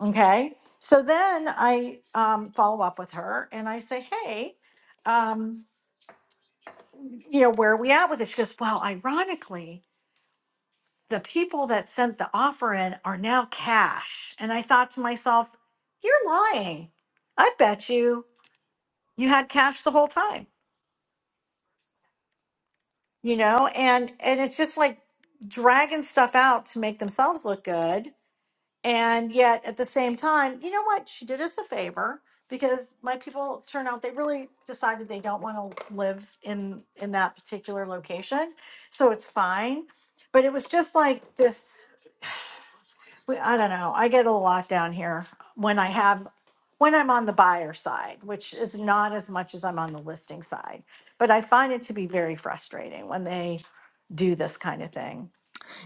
S3: Okay. So then I um, follow up with her and I say, hey, um, you know, where are we at with this? She goes, well, ironically, the people that sent the offer in are now cash. And I thought to myself, you're lying. I bet you you had cash the whole time, you know, and and it's just like dragging stuff out to make themselves look good And yet at the same time, you know what? She did us a favor because my people turn out they really decided they don't want to live in in that particular location. So it's fine. But it was just like this we- I don't know. I get a lot down here when I have when I'm on the buyer side, which is not as much as I'm on the listing side. But I find it to be very frustrating when they do this kind of thing.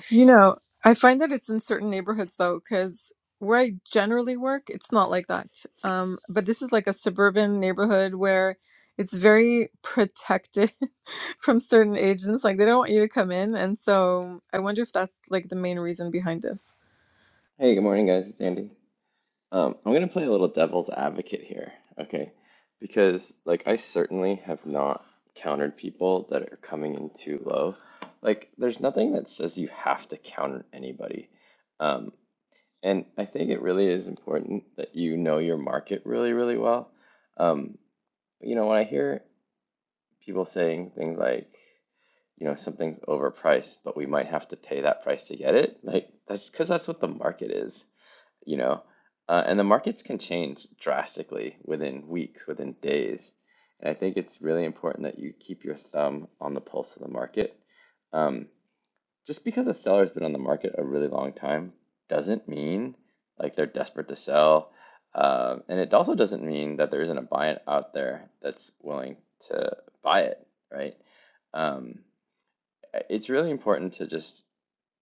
S8: You know, I find that it's in certain neighborhoods though, because where I generally work, it's not like that. Um, but this is like a suburban neighborhood where it's very protected from certain agents. Like they don't want you to come in. And so I wonder if that's like the main reason behind this.
S9: Hey, good morning, guys. It's Andy. Um, I'm gonna play a little devil's advocate here, okay? Because like I certainly have not countered people that are coming in too low. Like, there's nothing that says you have to counter anybody. Um, and I think it really is important that you know your market really, really well. Um, you know, when I hear people saying things like, you know, something's overpriced, but we might have to pay that price to get it, like that's because that's what the market is you know, uh, and the markets can change drastically within weeks, within days. And I think it's really important that you keep your thumb on the pulse of the market. Um, just because a seller's been on the market a really long time doesn't mean like they're desperate to sell. Um, and it also doesn't mean that there isn't a buyer out there that's willing to buy it, right? Um, it's really important to just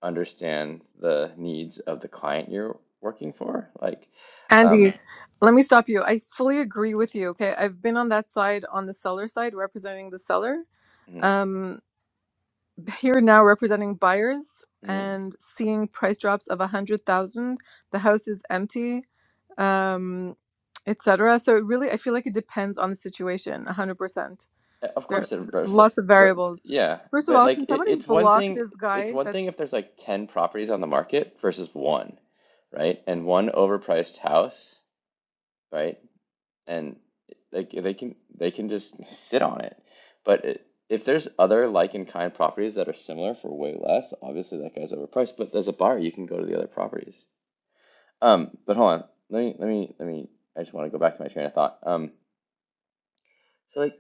S9: understand the needs of the client you're working for. Like,
S8: Andy,
S9: um,
S8: let me stop you. I fully agree with you. Okay. I've been on that side, on the seller side, representing the seller.
S9: mhm,
S8: Um, Here now representing buyers
S9: mhm.
S8: and seeing price drops of a hundred thousand. The house is empty, um, etc. So it really, I feel like it depends on the situation. A hundred percent.
S9: of
S8: There are
S9: course, it, rep-
S8: lots of variables.
S9: yeah,
S8: First of
S9: but
S8: all,
S9: like
S8: can
S9: it,
S8: somebody
S9: it's one
S8: block
S9: thing.
S8: this
S9: It's
S8: guy?
S9: one
S8: That's
S9: thing if there's like 10 properties on the market versus one, right? And one overpriced house, right? And like they can they can just sit on it. But it, if there's other like in kind properties that are similar for way less, obviously that guy's overpriced. But as a buyer, you can go to the other properties. Um, but hold on. Let me let me let me. I just want to go back to my train of thought. Um, so like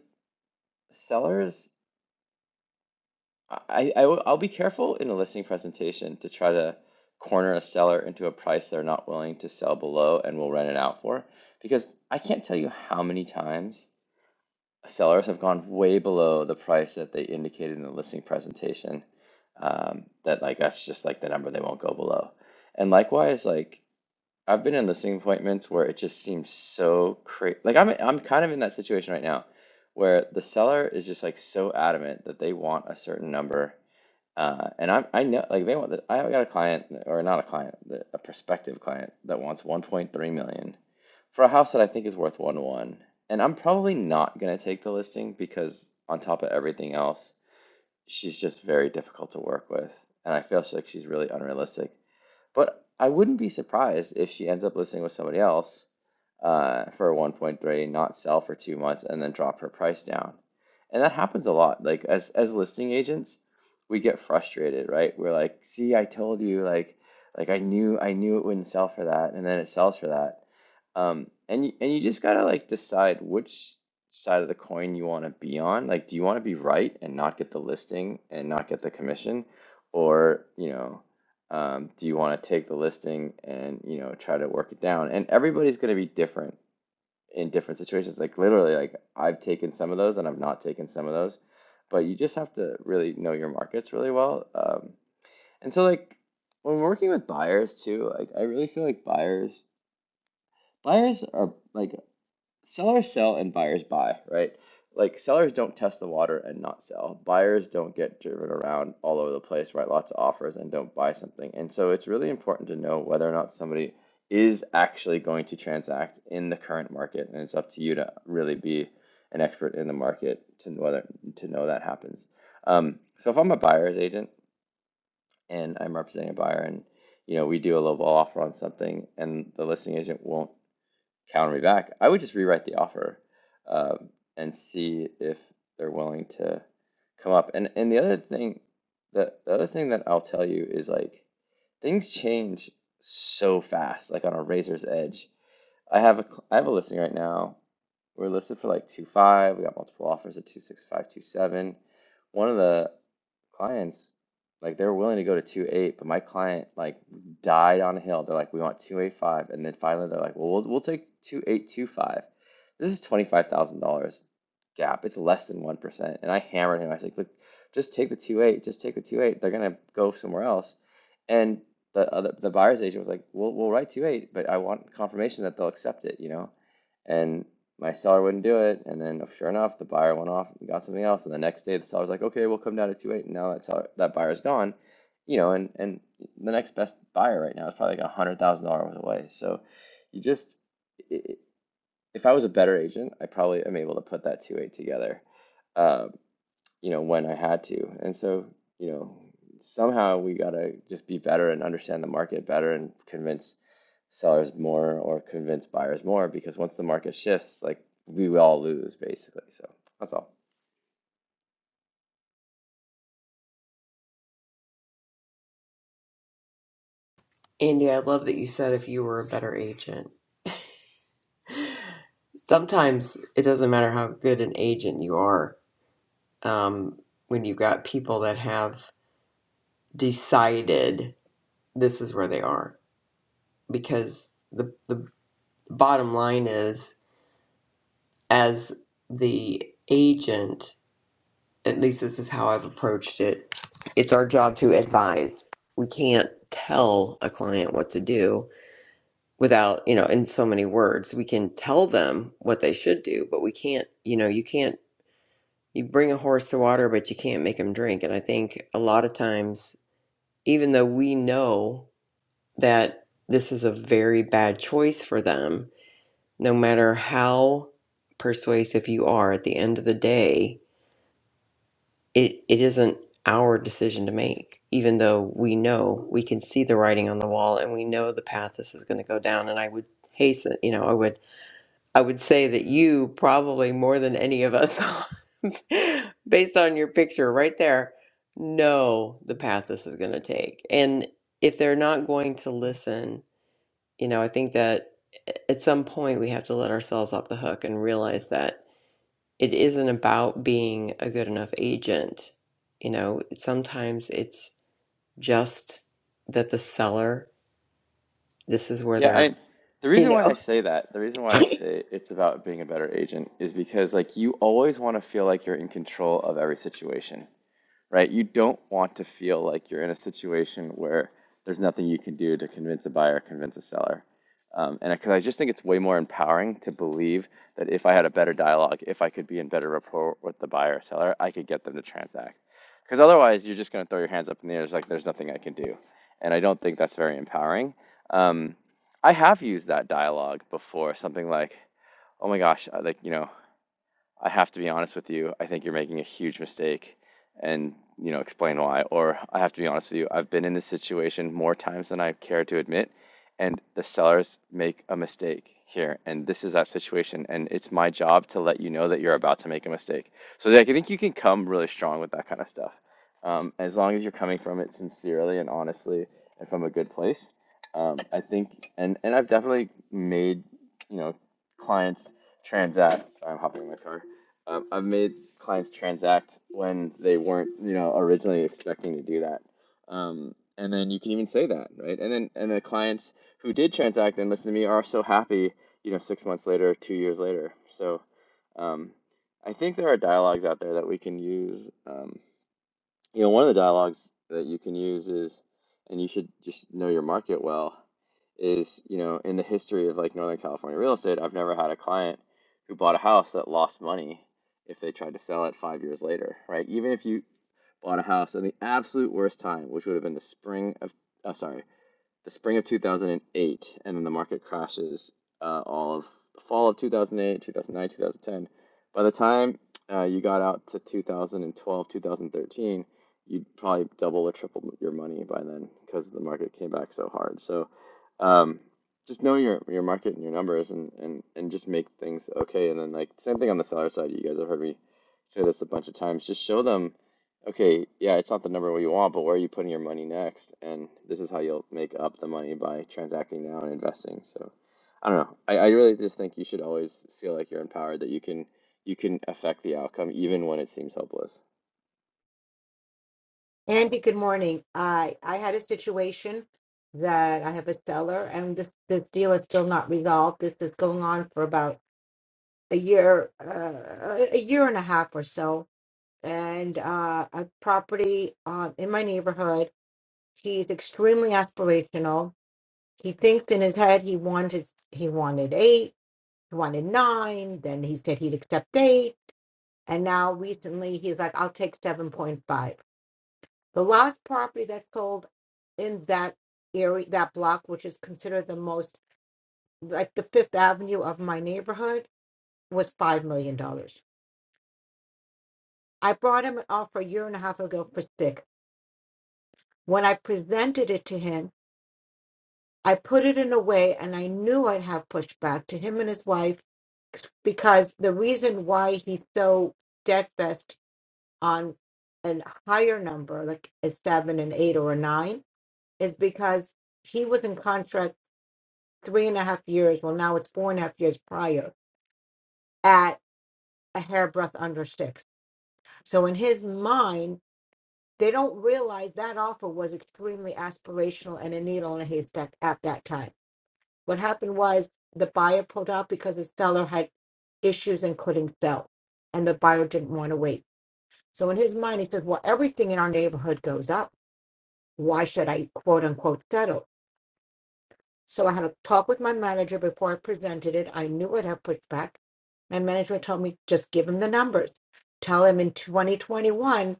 S9: sellers, I, I will- I'll be careful in a listing presentation to try to corner a seller into a price they're not willing to sell below and will rent it out for, because I can't tell you how many times sellers have gone way below the price that they indicated in the listing presentation. Um, that like that's just like the number they won't go below. And likewise, like. I've been in listing appointments where it just seems so crazy. Like I'm I'm kind of in that situation right now where the seller is just like so adamant that they want a certain number. Uh, and I'm I know like they want the, I got a client or not a client, the- a prospective client that wants 1.3 million for a house that I think is worth 1 1. And I'm probably not going to take the listing because on top of everything else, she's just very difficult to work with. And I feel like she's really unrealistic. But I wouldn't be surprised if she ends up listing with somebody else uh, for 1.3, not sell for two months, and then drop her price down. And that happens a lot. Like as as listing agents, we get frustrated, right? We're like, "See, I told you, like, like I knew, I knew it wouldn't sell for that, and then it sells for that." Um, and you, and you just gotta like decide which side of the coin you want to be on. Like, do you want to be right and not get the listing and not get the commission, or you know? Um, do you want to take the listing and you know try to work it down? And everybody's going to be different in different situations. Like literally, like I've taken some of those and I've not taken some of those, but you just have to really know your markets really well. Um, and so like when working with buyers too, like I really feel like buyers buyers are like sellers sell and buyers buy, right? Like sellers don't test the water and not sell. Buyers don't get driven around all over the place, write lots of offers and don't buy something. And so it's really important to know whether or not somebody is actually going to transact in the current market. And it's up to you to really be an expert in the market to whether to know that happens. Um, so if I'm a buyer's agent and I'm representing a buyer and you know we do a low ball offer on something and the listing agent won't counter me back, I would just rewrite the offer um, and see if they're willing to come up. And and the other thing that the other thing that I'll tell you is like things change so fast, like on a razor's edge. I have a I have a listing right now. We're listed for like two five. We got multiple offers at two six five, two seven. One of the clients, like they were willing to go to two eight, but my client like died on a hill. They're like, we want two eight five, and then finally they're like, well, we'll we'll take two eight two five. This is twenty five thousand dollars gap. It's less than one percent, and I hammered him. I was like, look, just take the two eight. Just take the two eight. They're gonna go somewhere else, and the other the buyer's agent was like, "We'll we'll write two eight, but I want confirmation that they'll accept it," you know. And my seller wouldn't do it, and then sure enough, the buyer went off and got something else. And the next day, the seller's like, "Okay, we'll come down to two eight," and now that seller, that buyer's gone, you know. And and the next best buyer right now is probably like a hundred thousand dollars away. So you just i- if I was a better agent, I probably am able to put that two eight together Um, you know, when I had to. And so, you know, somehow we gotta just be better and understand the market better and convince sellers more or convince buyers more because once the market shifts, like we will all lose basically. So that's all.
S7: Andy, I love that you said if you were a better agent. Sometimes it doesn't matter how good an agent you are. Um, when you've got people that have decided this is where they are, because the the bottom line is, as the agent, at least this is how I've approached it. It's our job to advise. We can't tell a client what to do without you know in so many words we can tell them what they should do but we can't you know you can't you bring a horse to water but you can't make him drink and i think a lot of times even though we know that this is a very bad choice for them no matter how persuasive you are at the end of the day it it isn't our decision to make even though we know we can see the writing on the wall and we know the path this is going to go down and i would hasten you know i would I would say that you probably more than any of us, based on your picture right there, know the path this is going to take. And if they're not going to listen, you know, I think that at some point we have to let ourselves off the hook and realize that it isn't about being a good enough agent. You know, sometimes it's just that the seller, this is where
S9: Yeah,
S7: they're,
S9: I the
S7: you
S9: reason why I
S7: know,
S9: say that, the reason why I say it's about being a better agent is because like you always want to feel like you're in control of every situation. right? You don't want to feel like you're in a situation where there's nothing you can do to convince a buyer, convince a seller. Um, and because I just think it's way more empowering to believe that if I had a better dialogue, if I could be in better rapport with the buyer or seller, I could get them to transact. Because otherwise, you're just going to throw your hands up in the air. It's like there's nothing I can do, and I don't think that's very empowering. Um, I have used that dialogue before. Something like, "Oh my gosh, uh, like you know, I have to be honest with you. I think you're making a huge mistake and, you know, explain why. Or I have to be honest with you. I've been in this situation more times than I care to admit, and the sellers make a mistake here. And this is that situation. And it's my job to let you know that you're about to make a mistake. So like, I think you can come really strong with that kind of stuff. Um, as long as you're coming from it sincerely and honestly and from a good place. Um, I think, and, and I've definitely made, you know, clients transact. Sorry, I'm hopping in my car. Um, I've made clients transact when they weren't, you know, originally expecting to do that. Um, and then you can even say that, right? And then and the clients who did transact and listen to me are so happy, you know, six months later, two years later. So um, I think there are dialogues out there that we can use. Um, you know, one of the dialogues that you can use is, and you should just know your market well, is, you know, in the history of like Northern California real estate, I've never had a client who bought a house that lost money if they tried to sell it five years later, right? Even if you bought a house in the absolute worst time, which would have been the spring of, uh, sorry, the spring of 2008, and then the market crashes uh, all of the fall of 2008, 2009, 2010. By the time uh, you got out to two thousand twelve, two thousand thirteen, you'd probably double or triple your money by then because the market came back so hard. So um, just know your your market and your numbers, and and and just make things okay. And then like same thing on the seller side. You guys have heard me say this a bunch of times. Just show them Okay, yeah, it's not the number you want, but where are you putting your money next? And this is how you'll make up the money by transacting now and investing. So, I don't know. I, I really just think you should always feel like you're empowered, that you can you can affect the outcome even when it seems hopeless.
S10: Andy, good morning. I I had a situation that I have a seller, and this this deal is still not resolved. This is going on for about a year, uh, a year and a half or so. And uh, a property uh, in my neighborhood. He's extremely aspirational. He thinks in his head he wanted he wanted eight, he wanted nine. Then he said he'd accept eight, and now recently he's like, "I'll take 7.5." The last property that's sold in that area, that block, which is considered the most like the Fifth Avenue of my neighborhood, was $5 million. dollars. I brought him an offer a year and a half ago for six. When I presented it to him, I put it in a way and I knew I'd have pushback to him and his wife because the reason why he's so steadfast on a higher number, like a seven, an eight, or a nine, is because he was in contract three and a half years, well, now it's four and a half years prior, at a hairbreadth under six. So in his mind, they don't realize that offer was extremely aspirational and a needle in a haystack at that time. What happened was the buyer pulled out because the seller had issues and couldn't sell, and the buyer didn't want to wait. So in his mind, he says, Well, everything in our neighborhood goes up. Why should I quote unquote settle? So I had a talk with my manager before I presented it. I knew I'd have pushback. My manager told me just give him the numbers. Tell him in 2021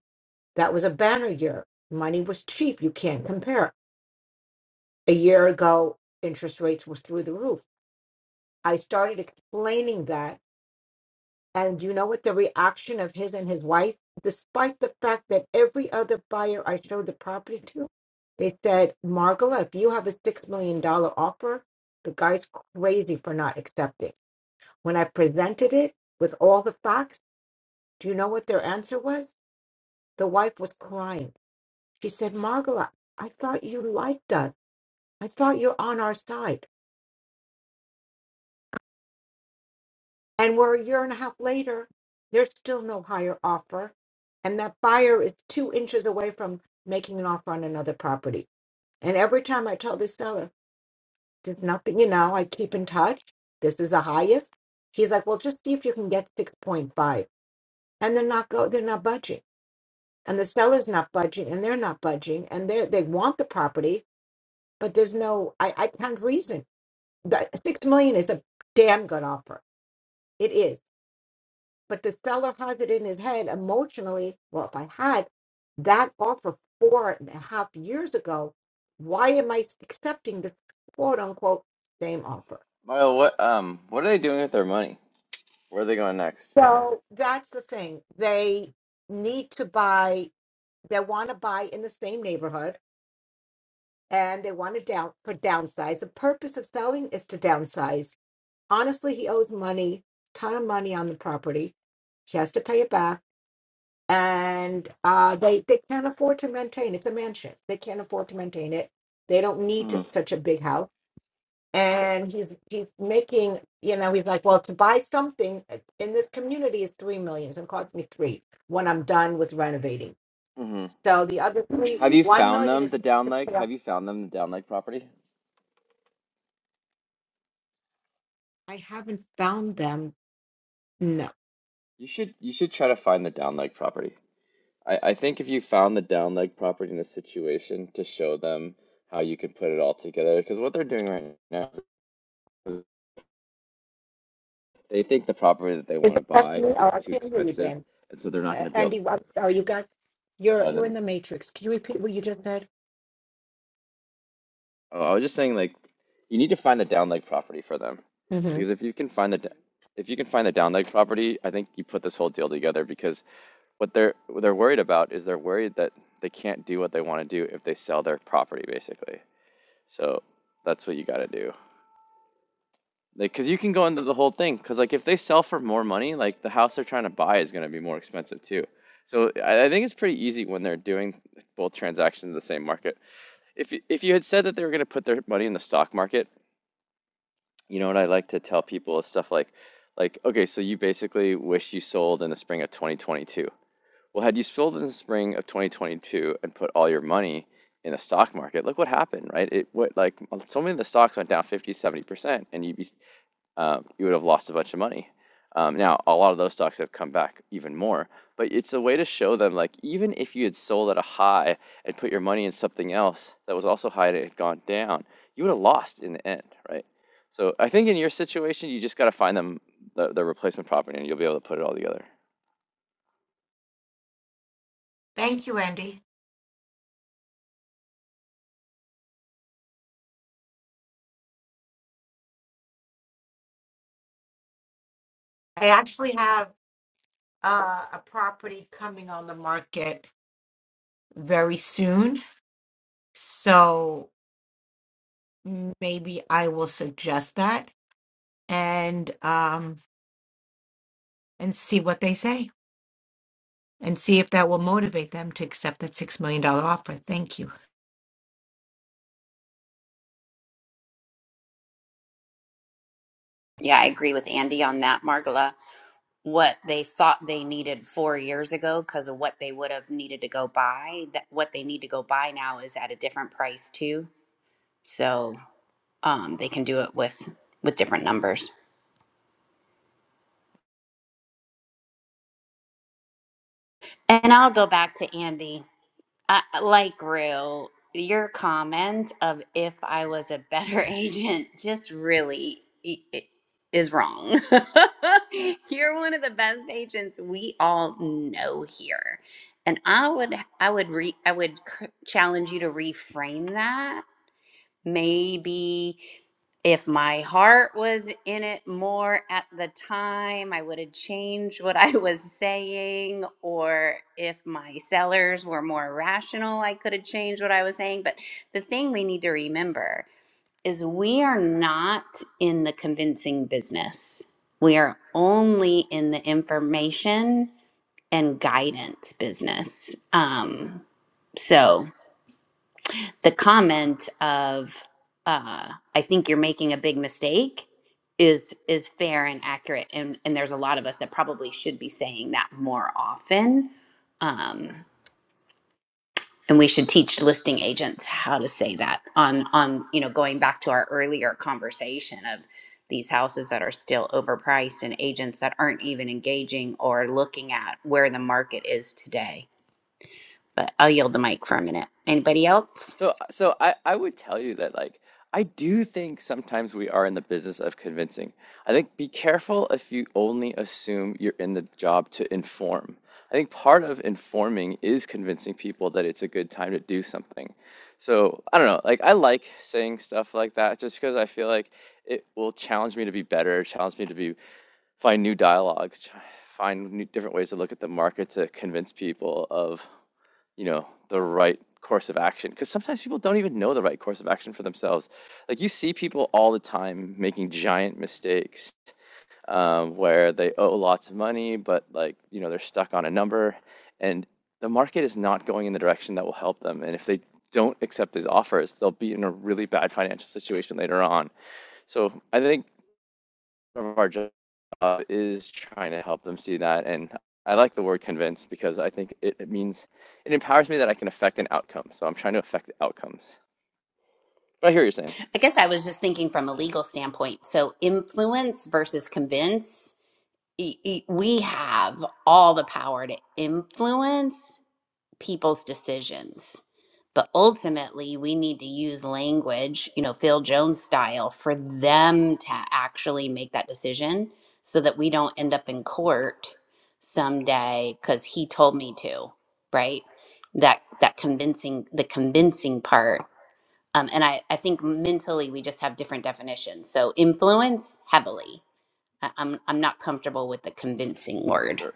S10: that was a banner year. Money was cheap. You can't compare. A year ago, interest rates was through the roof. I started explaining that And you know what the reaction of his and his wife, despite the fact that every other buyer I showed the property to, they said, Margola, if you have a $6 million dollar offer, the guy's crazy for not accepting. When I presented it with all the facts, do you know what their answer was? The wife was crying. She said, Margola, I thought you liked us. I thought you're on our side. And we're a year and a half later, there's still no higher offer. And that buyer is two inches away from making an offer on another property. And every time I tell the seller, there's nothing, you know, I keep in touch. This is the highest. He's like, well, just see if you can get 6.5. And they're not go, they're not budging. And the seller's not budging and they're not budging. And they they want the property, but there's no I, I can't reason. The six million is a damn good offer. It is. But the seller has it in his head emotionally. Well, if I had that offer four and a half years ago, why am I accepting this quote unquote same offer?
S9: Milo, what um what are they doing with their money? Where are they going next?
S10: So that's the thing. They need to buy, they want to buy in the same neighborhood and they want to down for downsize. The purpose of selling is to downsize. Honestly, he owes money, ton of money on the property. He has to pay it back and uh, they they can't afford to maintain. It's a mansion. They can't afford to maintain it. They don't need
S9: hmm
S10: to- such a big house. And he's he's making you know he's like well to buy something uh, in this community is three million. It's gonna cost me three when I'm done with renovating.
S9: hmm
S10: So the other three
S9: Have you
S10: one
S9: found
S10: million
S9: them
S10: is.
S9: the down leg? Have you found them the down leg property?
S10: I haven't found them. No,
S9: You should you should try to find the down leg property. I, I think if you found the down leg property in the situation to show them how you can put it all together, because what they're doing right now is they think the property that they
S10: is
S9: want
S10: it
S9: to
S10: just
S9: buy
S10: me
S9: is
S10: or I
S9: too
S10: can't hear you,
S9: expensive,
S10: Ben?
S9: and so they're not
S10: Uh,
S9: going to be able.
S10: Andy, I'm sorry, you got you're
S9: Uh,
S10: you're in
S9: them.
S10: the matrix. Can you repeat what you just said?
S9: Oh, I was just saying, like, you need to find the down leg property for them,
S10: hmm
S9: because if you can find the d- if you can find the down leg property, I think you put this whole deal together. Because what they're what they're worried about is they're worried that they can't do what they want to do if they sell their property, basically. So that's what you got to do. Like, cause you can go into the whole thing. Cause like if they sell for more money, like the house they're trying to buy is gonna be more expensive too. So I, I think it's pretty easy when they're doing both transactions in the same market. If you- if you had said that they were gonna put their money in the stock market, you know what I like to tell people is stuff like, like okay, so you basically wish you sold in the spring of 2022. Well, had you sold in the spring of 2022 and put all your money in the stock market, look what happened, right? It what like so many of the stocks went down 50, 70%, and you'd be um, you would have lost a bunch of money. Um, now, a lot of those stocks have come back even more, but it's a way to show them like even if you had sold at a high and put your money in something else that was also high and it had gone down, you would have lost in the end, right? So I think in your situation, you just got to find them the, the replacement property and you'll be able to put it all together.
S10: Thank you, Andy. I actually have uh, a property coming on the market very soon. So maybe I will suggest that and um and see what they say and see if that will motivate them to accept that six million dollar offer. Thank you.
S1: Yeah, I agree with Andy on that, Margola. What they thought they needed four years ago because of what they would have needed to go buy, that what they need to go buy now is at a different price too. So um, they can do it with with different numbers. And I'll go back to Andy. I, like Rue, your comment of if I was a better agent just really i- i- is wrong. You're one of the best agents we all know here. And I would I would re I would c- challenge you to reframe that Maybe if my heart was in it more at the time, I would have changed what I was saying. Or if my sellers were more rational, I could have changed what I was saying. But the thing we need to remember is we are not in the convincing business, we are only in the information and guidance business. Um, so the comment of uh, i think you're making a big mistake is is fair and accurate and and there's a lot of us that probably should be saying that more often um, and we should teach listing agents how to say that on on you know going back to our earlier conversation of these houses that are still overpriced and agents that aren't even engaging or looking at where the market is today but i'll yield the mic for a minute anybody else
S9: So, uh, so I, I would tell you that like I do think sometimes we are in the business of convincing. I think be careful if you only assume you're in the job to inform. I think part of informing is convincing people that it's a good time to do something. So I don't know, like I like saying stuff like that just because I feel like it will challenge me to be better, challenge me to be find new dialogues, ch- find new different ways to look at the market to convince people of you know, the right course of action. Because sometimes people don't even know the right course of action for themselves. Like you see people all the time making giant mistakes um, where they owe lots of money, but like, you know, they're stuck on a number and the market is not going in the direction that will help them. And if they don't accept these offers, they'll be in a really bad financial situation later on. So I think of our job uh, is trying to help them see that. And I like the word convince because I think it, it means it empowers me that I can affect an outcome. So I'm trying to affect the outcomes. But I hear what you're saying.
S1: I guess I was just thinking from a legal standpoint. So, influence versus convince, E- e- we have all the power to influence people's decisions. But ultimately, we need to use language, you know, Phil Jones style, for them to actually make that decision so that we don't end up in court someday because he told me to, right? That that convincing the convincing part um, and I, I think mentally we just have different definitions. So influence heavily. I, I'm I'm not comfortable with the convincing word.
S9: Sure.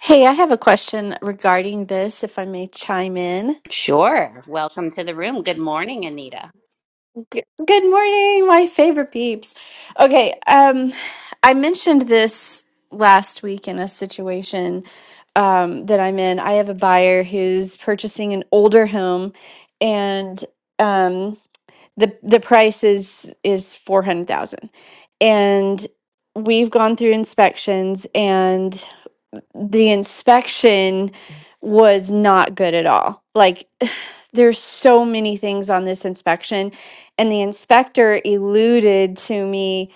S11: Hey, I have a question regarding this, if I may chime in.
S1: Sure. Welcome to the room. Good morning, Anita.
S11: G- Good morning, my favorite peeps. Okay, um, I mentioned this last week in a situation um, that I'm in. I have a buyer who's purchasing an older home, and um, the the price is is four hundred thousand, and we've gone through inspections, the inspection was not good at all. Like there's so many things on this inspection and the inspector eluded to me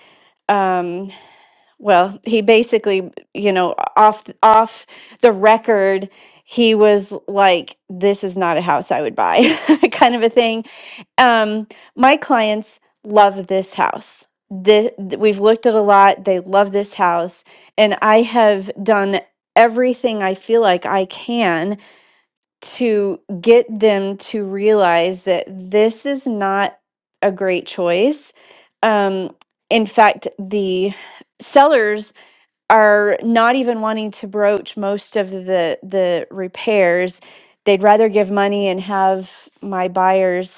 S11: um well he basically you know off off the record he was like this is not a house i would buy kind of a thing um my clients love this house the, th- we've looked at a lot they love this house and i have done everything i feel like i can to get them to realize that this is not a great choice um in fact the sellers are not even wanting to broach most of the the repairs they'd rather give money and have my buyers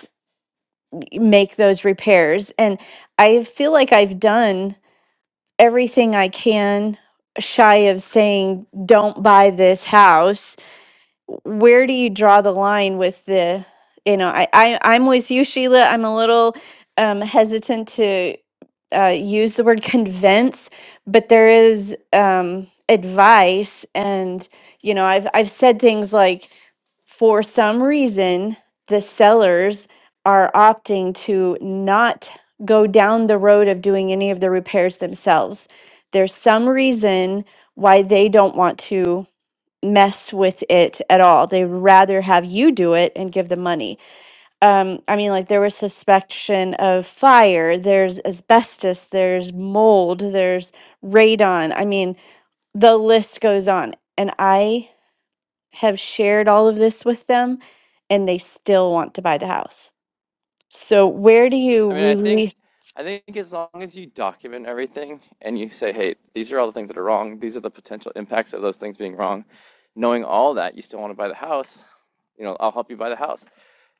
S11: make those repairs. And I feel like I've done everything I can shy of saying, don't buy this house. Where do you draw the line with the, you know, I, I, I'm with you, Sheila. I'm a little um, hesitant to uh, use the word convince, but there is um, advice. And, you know, I've, I've said things like, for some reason, the sellers are opting to not go down the road of doing any of the repairs themselves. There's some reason why they don't want to mess with it at all. They'd rather have you do it and give them money. Um, I mean, like there was suspicion of fire, there's asbestos, there's mold, there's radon. I mean, the list goes on. And I have shared all of this with them and they still want to buy the house. So where do you
S9: I mean, I think
S11: really
S9: I think as long as you document everything and you say, hey, these are all the things that are wrong. These are the potential impacts of those things being wrong. Knowing all that, you still want to buy the house. You know, I'll help you buy the house.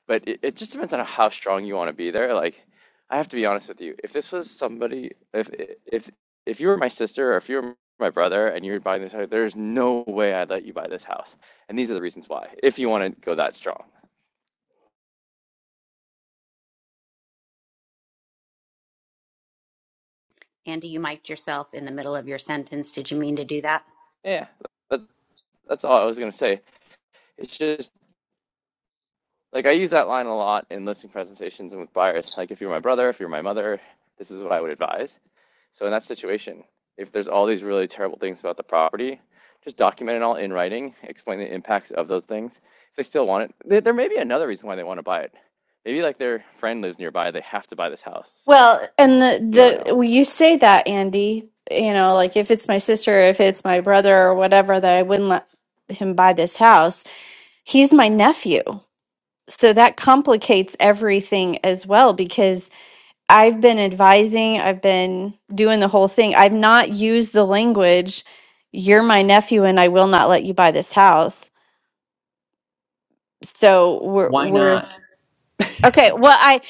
S9: but it, it just depends on how strong you want to be there. Like, I have to be honest with you. If this was somebody, if if if you were my sister or if you were my brother and you were buying this house, there's no way I'd let you buy this house. And these are the reasons why. If you want to go that strong,
S1: Andy, you mic'd yourself in the middle of your sentence. Did you mean to do that?
S9: yeah, that, that's all I was gonna say. It's just like I use that line a lot in listing presentations and with buyers. Like, if you're my brother, if you're my mother, this is what I would advise. So in that situation, if there's all these really terrible things about the property, just document it all in writing, explain the impacts of those things. If they still want it, there, may be another reason why they want to buy it. Maybe like their friend lives nearby, they have to buy this house. So
S11: Well, and
S9: you never
S11: the
S9: know.
S11: the well, you say that Andy, you know, like if it's my sister, if it's my brother or whatever that I wouldn't let him buy this house, he's my nephew. So that complicates everything as well because I've been advising, I've been doing the whole thing. I've not used the language, you're my nephew and I will not let you buy this house so we're
S7: why
S11: we're
S7: not?
S11: okay well i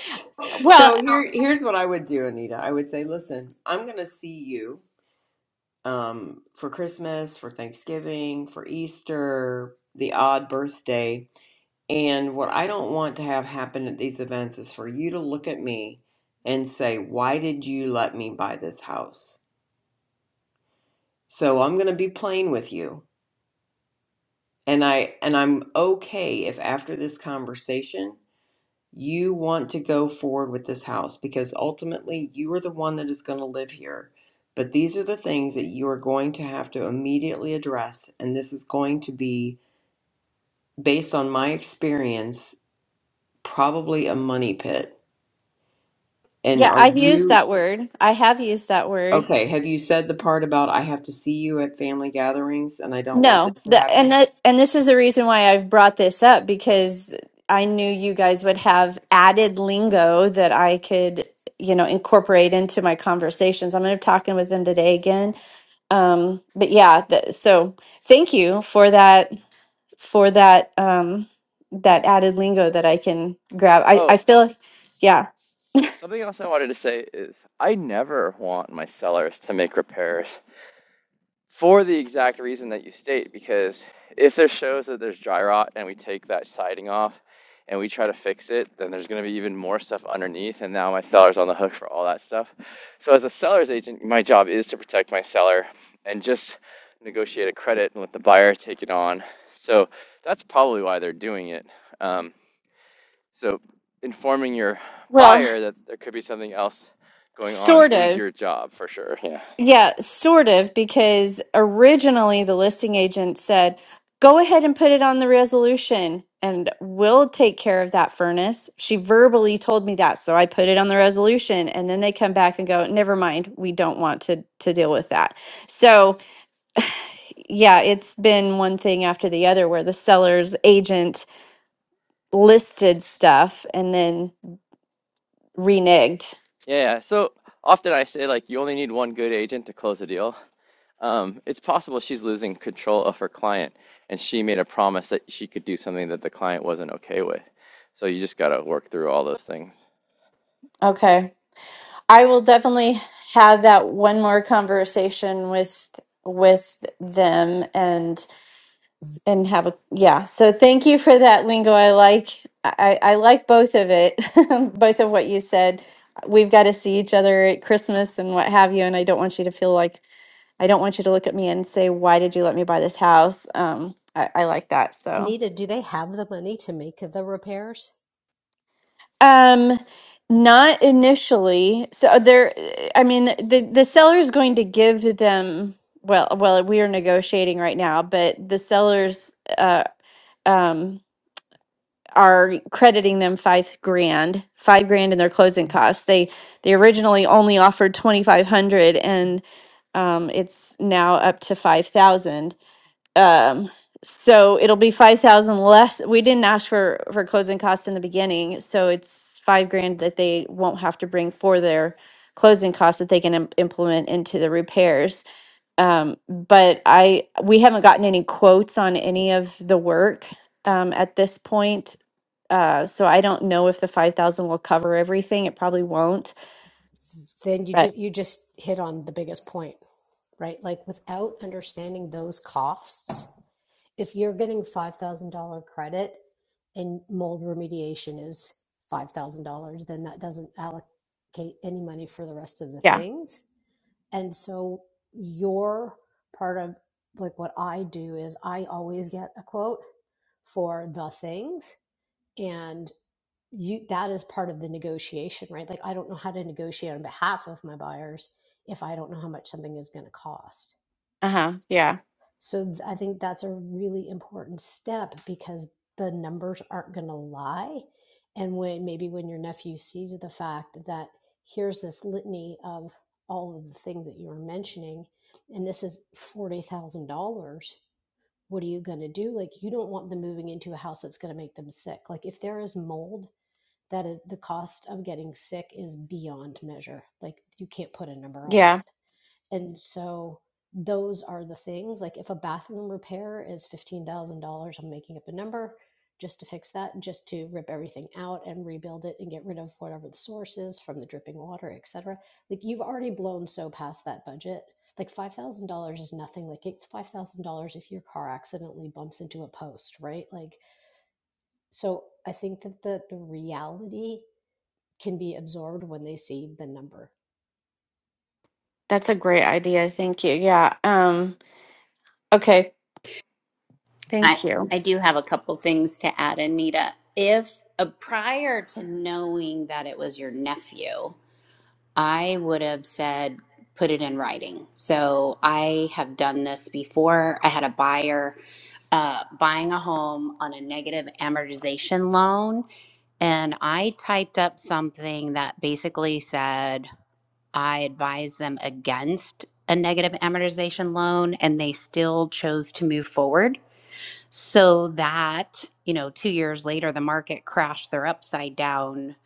S11: well
S7: So here, here's what I would do, Anita. I would say, listen, I'm going to see you um, for Christmas, for Thanksgiving, for Easter, the odd birthday. And what I don't want to have happen at these events is for you to look at me and say, why did you let me buy this house? So I'm going to be plain with you. And I and I'm okay if after this conversation You want to go forward with this house because ultimately you are the one that is going to live here. But these are the things that you are going to have to immediately address. And this is going to be, based on my experience, probably a money pit. And
S11: yeah
S7: are
S11: i've used
S7: you
S11: that word i have used that word
S7: okay? Have you said the part about I have to see you at family gatherings and I don't want
S11: no
S7: this to
S11: the and
S7: happen?
S11: that and this is the reason why i've brought this up because i knew you guys would have added lingo that i could you know incorporate into my conversations i'm going to be talking with them today again um but yeah the, so thank you for that for that um that added lingo that i can grab i
S9: Oh,
S11: i feel yeah
S9: something else I wanted to say is I never want my sellers to make repairs for the exact reason that you state, because if there shows that there's dry rot and we take that siding off and we try to fix it, then there's going to be even more stuff underneath, and now my seller's on the hook for all that stuff. So as a seller's agent, my job is to protect my seller and just negotiate a credit and let the buyer take it on. So that's probably why they're doing it. Um, so informing your
S11: Well,
S9: buyer that there could be something else going on
S11: sort
S9: is
S11: of.
S9: your job for sure. Yeah.
S11: Yeah, sort of, because originally the listing agent said, go ahead and put it on the resolution and we'll take care of that furnace. She verbally told me that, so I put it on the resolution and then they come back and go, never mind, we don't want to to deal with that. So yeah, it's been one thing after the other where the seller's agent listed stuff and then reneged.
S9: Yeah, yeah. so often I say like you only need one good agent to close a deal. Um, it's possible she's losing control of her client and she made a promise that she could do something that the client wasn't okay with. So you just got to work through all those things.
S11: Okay. I will definitely have that one more conversation with with them and and have a yeah. So thank you for that lingo. I like I, I like both of it, both of what you said. We've got to see each other at Christmas and what have you, and I don't want you to feel like I don't want you to look at me and say, "Why did you let me buy this house?" Um, I, I like that. So,
S12: Anita, do they have the money to make the repairs?
S11: um, not initially. So there, I mean, the the seller is going to give them. Well, well, we are negotiating right now, but the sellers uh, um, are crediting them five grand, five grand in their closing costs. They they originally only offered twenty five hundred, and um, it's now up to five thousand Um, so it'll be five thousand less. We didn't ask for for closing costs in the beginning, so it's five grand that they won't have to bring for their closing costs that they can im- implement into the repairs. Um, but I we haven't gotten any quotes on any of the work um, at this point. Uh, so I don't know if the five thousand will cover everything. It probably won't.
S12: Then you
S11: But
S12: just you just hit on the biggest point, right? Like without understanding those costs, if you're getting five thousand dollar credit and mold remediation is five thousand dollars, then that doesn't allocate any money for the rest of the
S11: yeah,
S12: things. And so your part of like what I do is I always get a quote for the things and. you that is part of the negotiation right like i don't know how to negotiate on behalf of my buyers if i don't know how much something is going to cost
S11: uh huh, yeah,
S12: so th- i think that's a really important step because the numbers aren't going to lie and when maybe when your nephew sees the fact that here's this litany of all of the things that you were mentioning and this is $40,000 what are you going to do like you don't want them moving into a house that's going to make them sick like if there is mold that is the cost of getting sick is beyond measure. Like you can't put a number on
S11: yeah.
S12: that. And so those are the things. Like if a bathroom repair is fifteen thousand dollars, I'm making up a number just to fix that, just to rip everything out and rebuild it and get rid of whatever the source is from the dripping water, et cetera. Like you've already blown so past that budget. Like five thousand dollars is nothing. Like it's five thousand dollars if your car accidentally bumps into a post, right? Like so I think that the the reality can be absorbed when they see the number.
S11: That's a great idea. Thank you. Yeah. Um. Okay.
S1: I
S11: Thank you.
S1: I do have a couple things to add, Anita. If uh, prior to knowing that it was your nephew, I would have said put it in writing. So I have done this before. I had a buyer uh, buying a home on a negative amortization loan. And I typed up something that basically said I advised them against a negative amortization loan, and they still chose to move forward so that you know two years later the market crashed they're upside down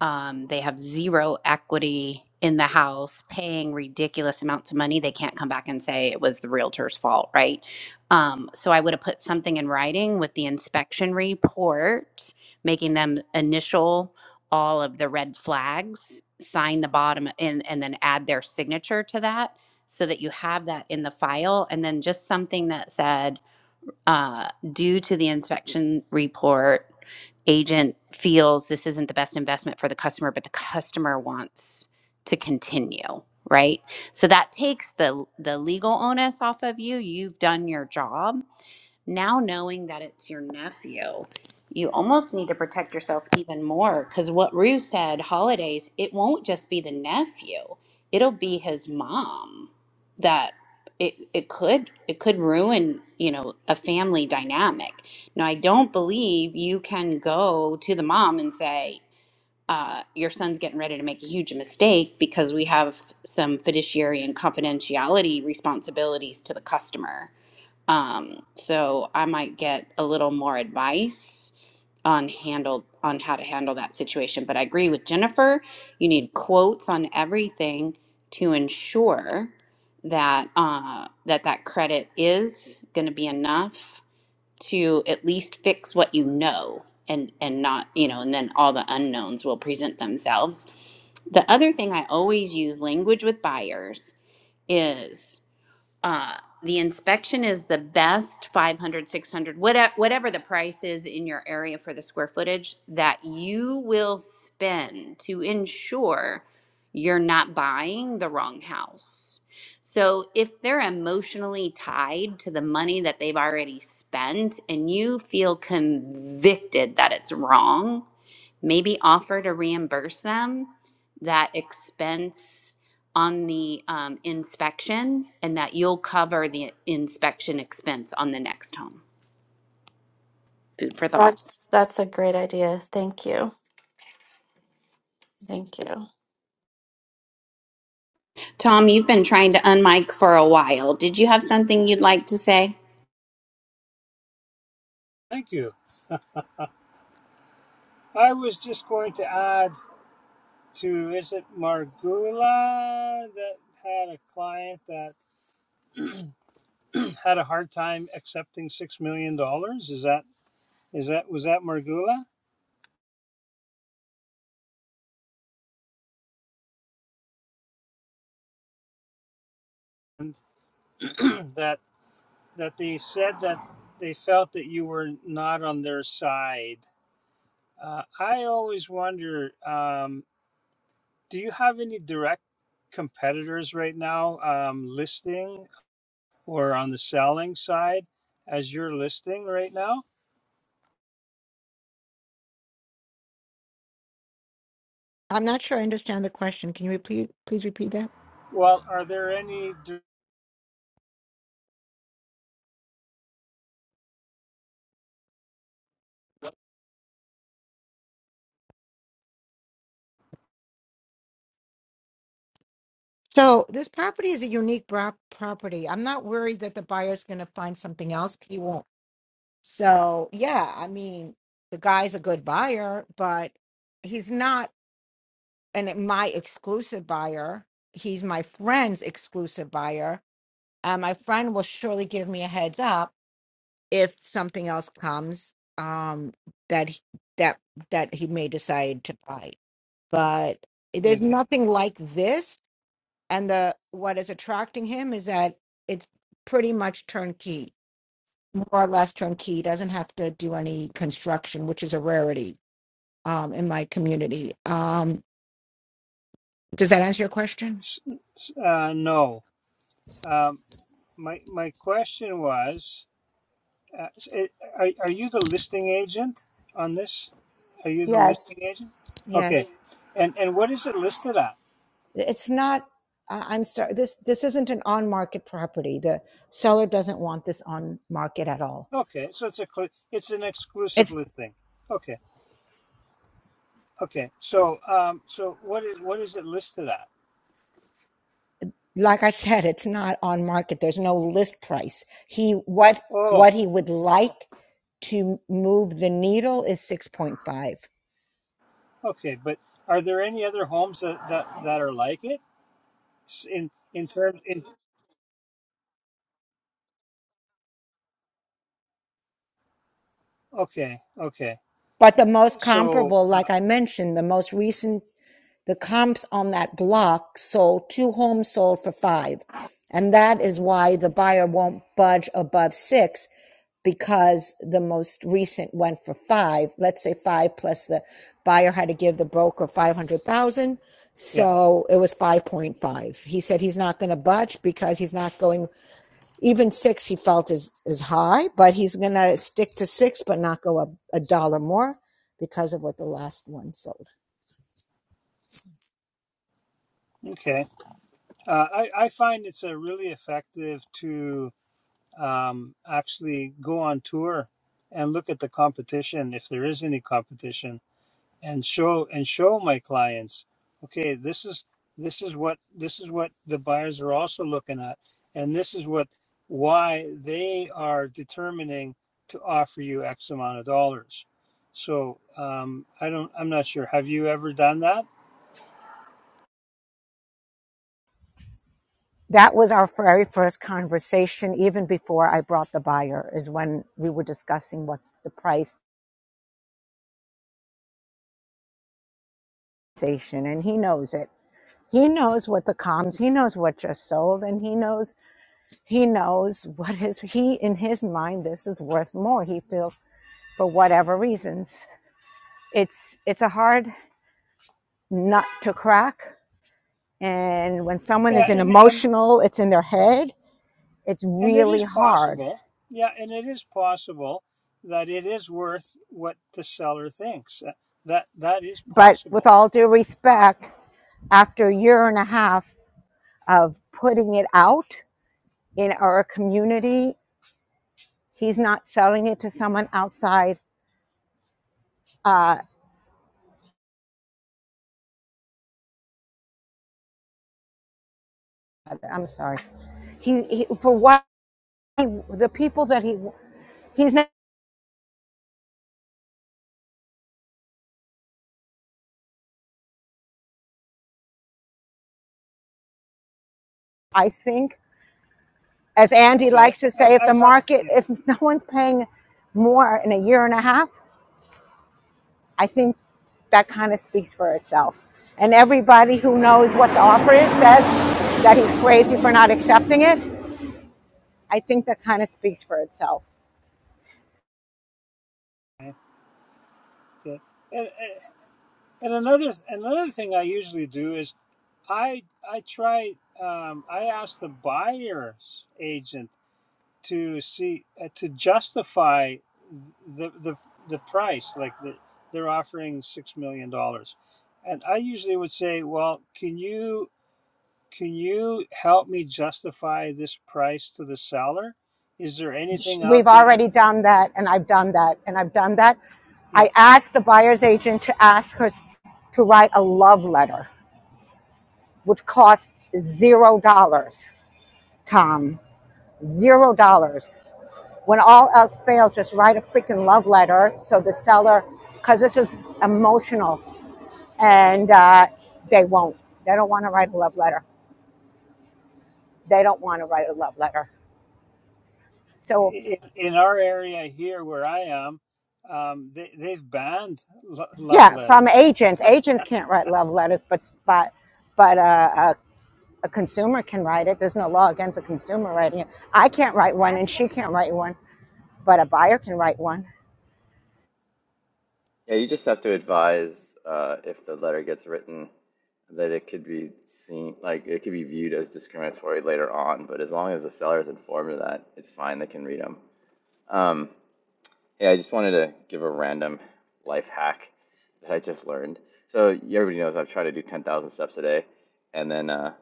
S1: um, they have zero equity in the house paying ridiculous amounts of money they can't come back and say it was the realtor's fault right um, so i would have put something in writing with the inspection report making them initial all of the red flags sign the bottom and, and then add their signature to that so that you have that in the file and then just something that said uh, due to the inspection report, agent feels this isn't the best investment for the customer, but the customer wants to continue, right? So that takes the the legal onus off of you. You've done your job now knowing that it's your nephew, you almost need to protect yourself even more because what Rue said, holidays, it won't just be the nephew, it'll be his mom that it, it could it could ruin you know a family dynamic now i don't believe you can go to the mom and say uh, your son's getting ready to make a huge mistake because we have some fiduciary and confidentiality responsibilities to the customer um, so I might get a little more advice on handle on how to handle that situation. But I agree with Jennifer. You need quotes on everything to ensure that uh, that that credit is going to be enough to at least fix what you know and and not you know and then all the unknowns will present themselves the other thing i always use language with buyers is uh, the inspection is the best 500, 600, whatever, whatever the price is in your area for the square footage that you will spend to ensure you're not buying the wrong house so if they're emotionally tied to the money that they've already spent and you feel convicted that it's wrong maybe offer to reimburse them that expense on the um, inspection and that you'll cover the inspection expense on the next home. Food for thought.
S11: That's that's a great idea. Thank you. Thank you.
S1: Tom, you've been trying to unmic for a while. Did you have something you'd like to say?
S13: Thank you. I was just going to add to is it Margula that had a client that had a hard time accepting six million dollars? Is that is that was that Margula that that they said that they felt that you were not on their side? Uh, I always wonder. Um, do you have any direct competitors right now um, listing or on the selling side as you're listing right now?
S10: I'm not sure I understand the question. Can you repeat, please repeat that?
S13: Well, are there any?
S10: So this property is a unique prop- property. I'm not worried that the buyer's going to find something else. He won't. So yeah, I mean, the guy's a good buyer, but he's not an eh, my exclusive buyer. He's my friend's exclusive buyer, and my friend will surely give me a heads up if something else comes um, that he- that that he may decide to buy. But there's
S13: Okay.
S10: nothing like this, and the what is attracting him is that it's pretty much turnkey more or less turnkey, doesn't have to do any construction, which is a rarity um, in my community. Um, does that answer your question?
S13: Uh, no. Um, my my question was, uh, eh, are are you the listing agent on this? Are you the listing
S10: Yes,
S13: agent? Okay.
S10: yes.
S13: And and what is it listed at?
S10: It's not. I- I'm sorry. This this isn't an on market property. The seller doesn't want this on market at all.
S13: Okay, so it's a cl- it's an exclusive
S10: It's
S13: listing. Okay. Okay. So um so what is what is it listed at?
S10: like I said. It's not on market. There's no list price. He what
S13: Oh,
S10: what he would like to move the needle is six point five.
S13: okay. But are there any other homes that that that are like it S- in in terms in? Okay. Okay.
S10: But the most
S13: So.
S10: comparable,
S13: uh,
S10: like I mentioned, the most recent the comps on that block sold two homes sold for five. And that is why the buyer won't budge above six because the most recent went for five. Let's say five plus the buyer had to give the broker 500,000.
S13: yeah.
S10: So it was 5.5. He said he's not going to budge because he's not going, even six he felt is, is high, but he's going to stick to six, but not go up a dollar more because of what the last one sold.
S13: Okay. Uh, I, I find it's a really effective to um, actually go on tour and look at the competition if there is any competition and show and show my clients, okay, this is this is what this is what the buyers are also looking at and this is what why they are determining to offer you X amount of dollars. So um, I don't I'm not sure. Have you ever done that?
S10: That was our very first conversation, even before I brought the buyer, is when we were discussing what the price station, and he knows it. He knows what the comms, he knows what just sold, and he knows, he knows what his, he, in his mind, this is worth more. He feels for whatever reasons. It's, it's a hard nut to crack. And when someone is
S13: Yeah,
S10: an
S13: and, and
S10: emotional, it's in their head, it's
S13: And it is
S10: really hard.
S13: possible, yeah, and it is possible that it is worth what the seller thinks. Uh, That that is
S10: But with
S13: possible.
S10: all due
S13: Uh,
S10: respect, after a year and a half of putting it out in our community. He's not selling it to someone outside. Uh, I'm sorry. He, he for what he- the people that he he's not. I think, as Andy
S13: okay,
S10: likes to say,
S13: I've
S10: if the
S13: I've had
S10: market
S13: yeah.
S10: if no one's paying more in a year and a half, I think that kind of speaks for itself. And everybody who knows what the offer is says that he's crazy for not accepting it. I think that kind of speaks for itself.
S13: Okay. And, and and another another thing I usually do is I I try um, I ask the buyer's agent to see uh, to justify the the the price like the, they're offering six million dollars, and I usually would say, well, can you Can you help me justify this price to the seller? Is there anything out
S10: we've
S13: there?
S10: already done that and I've done that and I've done that. I
S13: Yeah,
S10: asked the buyer's agent to ask her to write a love letter, which cost zero dollars, Tom. Zero dollars. When all else fails, just write a freaking love letter so the seller, because this is emotional and uh, they won't. They don't want to write a love letter. They don't want to write a love letter. So,
S13: in, in our area here where I am, um, they, they've banned lo- love
S10: yeah, from
S13: letters.
S10: agents, agents can't write love letters, but, but but uh, uh, A consumer can write it. There's no law against a consumer writing it. I can't write one and she can't write one, but a buyer can write one.
S9: Yeah, you just have to advise uh, if the letter gets written that it could be seen like it could be viewed as discriminatory later on. But as long as the seller is informed of that, it's fine. They can read them. Um, Hey, I just wanted to give a random life hack that I just learned. So everybody knows I've tried to do 10,000 steps a day, and then uh,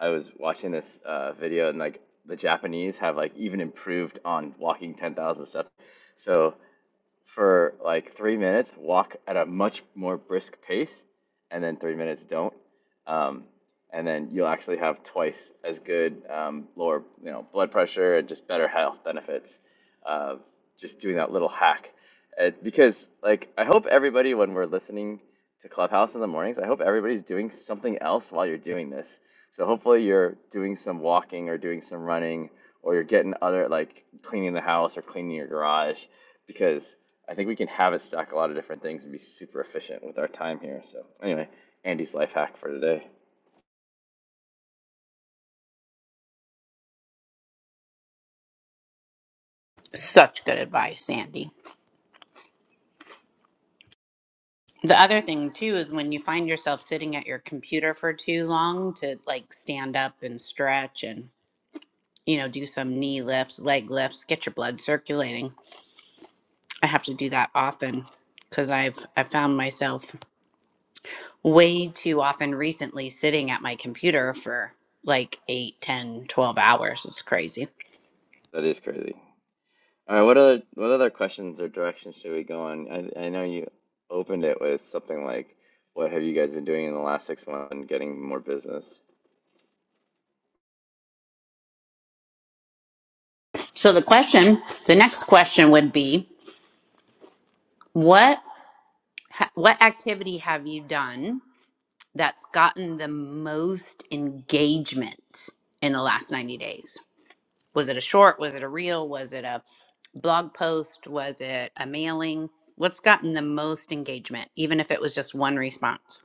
S9: I was watching this uh, video, and like the Japanese have like even improved on walking 10,000 steps. So for like three minutes, walk at a much more brisk pace, and then three minutes don't. Um, and then you'll actually have twice as good um, lower, you know, blood pressure and just better health benefits. Uh, just doing that little hack, Uh because like I hope everybody when we're listening to Clubhouse in the mornings, I hope everybody's doing something else while you're doing this. So hopefully you're doing some walking or doing some running or you're getting other like cleaning the house or cleaning your garage because I think we can have it stack a lot of different things and be super efficient with our time here. So anyway, Andy's life hack for today.
S1: Such good advice, Andy. The other thing too is when you find yourself sitting at your computer for too long to like stand up and stretch and you know do some knee lifts, leg lifts, get your blood circulating I have to do that often because I've I've found myself way too often recently sitting at my computer for like 8, 10, 12 hours. It's crazy.
S9: That is crazy. All right, what other what other questions or directions should we go on? I I know you opened it with something like, "What have you guys been doing in the last six months and getting more business?"
S1: So the question, the next question would be what ha- what activity have you done that's gotten the most engagement in the last 90 days? Was it a short? Was it a reel? Was it a blog post? Was it a mailing? What's gotten the most engagement, even if it was just one response?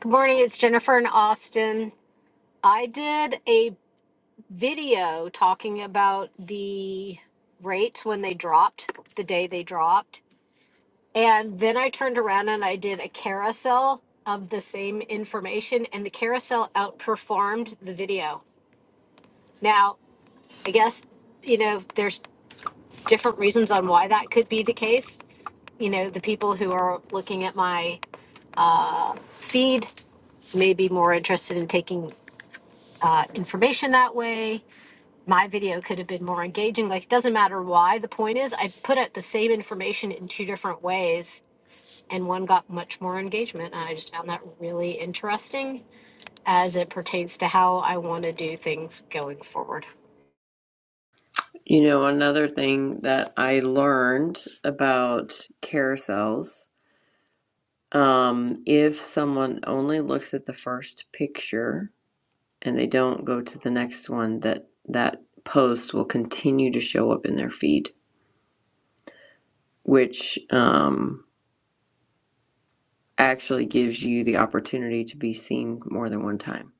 S12: Good morning, it's Jennifer in Austin. I did a video talking about the rates when they dropped, the day they dropped. And then I turned around and I did a carousel of the same information, and the carousel outperformed the video. Now, I guess, you know, there's different reasons on why that could be the case. You know, the people who are looking at my feed may be more interested in taking uh, information that way. My video could have been more engaging. Like, it doesn't matter why. The point is, I put out the same information in two different ways, and one got much more engagement. And I just found that really interesting as it pertains to how I want to do things going forward.
S7: You know, another thing that I learned about carousels Um, if someone only looks at the first picture and they don't go to the next one, that that post will continue to show up in their feed, which um, actually gives you the opportunity to be seen more than one time.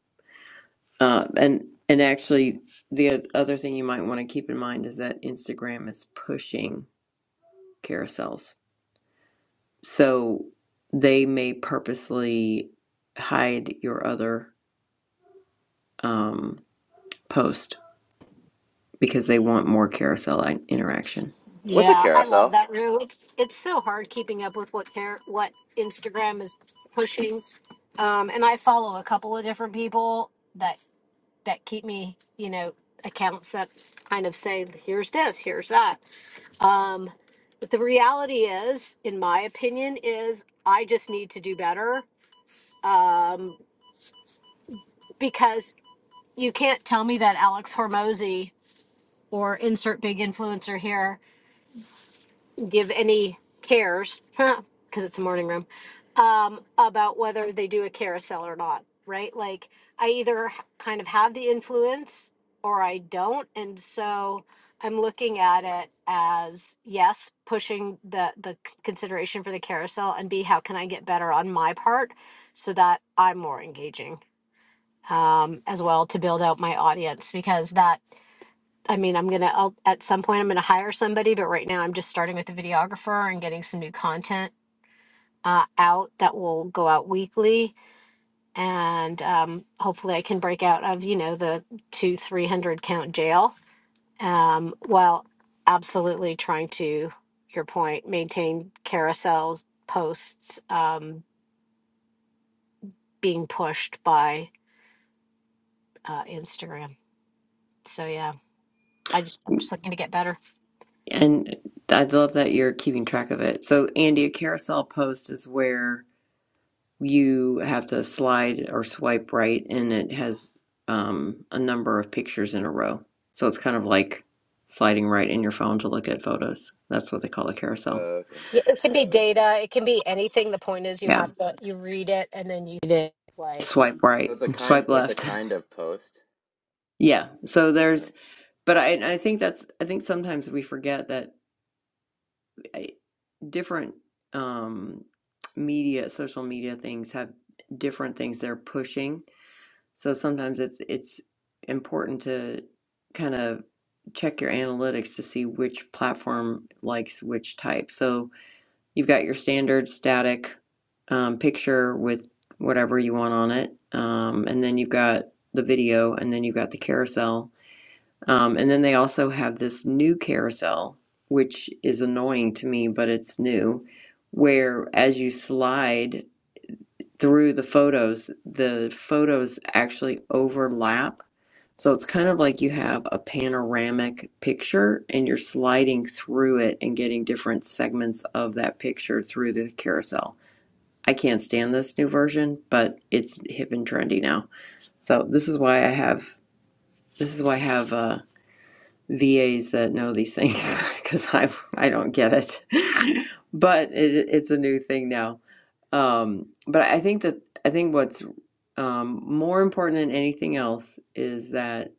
S7: Uh, and and actually, the o- other thing you might want to keep in mind is that Instagram is pushing carousels, so they may purposely hide your other um, post because they want more carousel interaction.
S9: What's a
S12: Yeah, I love
S9: carousel?
S12: that, Rue. It's it's so hard keeping up with what care what Instagram is pushing. Um, and I follow a couple of different people that. that keep me, you know, accounts that kind of say, here's this, here's that. Um, but the reality is, in my opinion, is I just need to do better um, because you can't tell me that Alex Hormozy or insert big influencer here give any cares because it's a morning room um, about whether they do a carousel or not right like i either h- kind of have the influence or i don't and so i'm looking at it as yes pushing the the c- consideration for the carousel and b how can i get better on my part so that i'm more engaging um, as well to build out my audience because that I mean, I'm gonna, I'll, at some point, I'm gonna hire somebody, but right now I'm just starting with a videographer and getting some new content uh, out that will go out weekly. And um, hopefully I can break out of, you know, the two, 300 count jail um, while absolutely trying to, your point, maintain carousels, posts um, being pushed by uh, Instagram. So yeah, I just, I'm just looking to get better.
S7: And I love that you're keeping track of it. So, Andy, a carousel post is where you have to slide or swipe right, and it has um, a number of pictures in a row. So it's kind of like sliding right in your phone to look at photos. That's what they call a carousel.
S9: Oh, okay.
S12: Yeah, It can be data. It can be anything. The point is, you
S7: Yeah,
S12: have to you read it and then you did wipe.
S7: swipe
S9: So
S7: right,
S9: it's a kind
S7: swipe
S9: it's a
S7: left.
S9: kind of post.
S7: yeah. So
S9: All
S7: there's,
S9: right.
S7: but I, I think that's, I think sometimes we forget that. different um, media, social media things have different things they're pushing. So sometimes it's it's important to kind of check your analytics to see which platform likes which type. So you've got your standard static um, picture with whatever you want on it, um, and then you've got the video, and then you've got the carousel um, and then they also have this new carousel, which is annoying to me, but it's new, where as you slide through the photos, the photos actually overlap. So it's kind of like you have a panoramic picture and you're sliding through it and getting different segments of that picture through the carousel. I can't stand this new version, but it's hip and trendy now. So this is why I have this is why I have uh VAs that know these things because I I don't get it, but it, it's a new thing now. Um, but I think that I think what's um, more important than anything else is that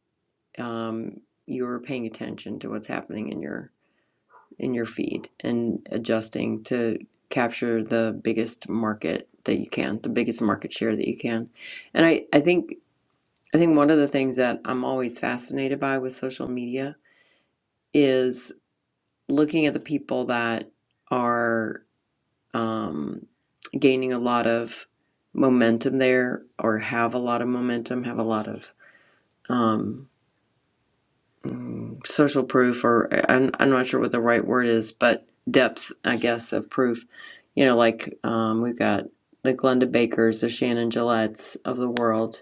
S7: um, you're paying attention to what's happening in your in your feed and adjusting to capture the biggest market that you can, the biggest market share that you can. And I, I think I think one of the things that I'm always fascinated by with social media is looking at the people that are um, gaining a lot of momentum there or have a lot of momentum, have a lot of um, mm, social proof, or I'm, I'm not sure what the right word is, but depth, I guess, of proof. You know, like um, we've got the Glenda Bakers, the Shannon Gillettes of the world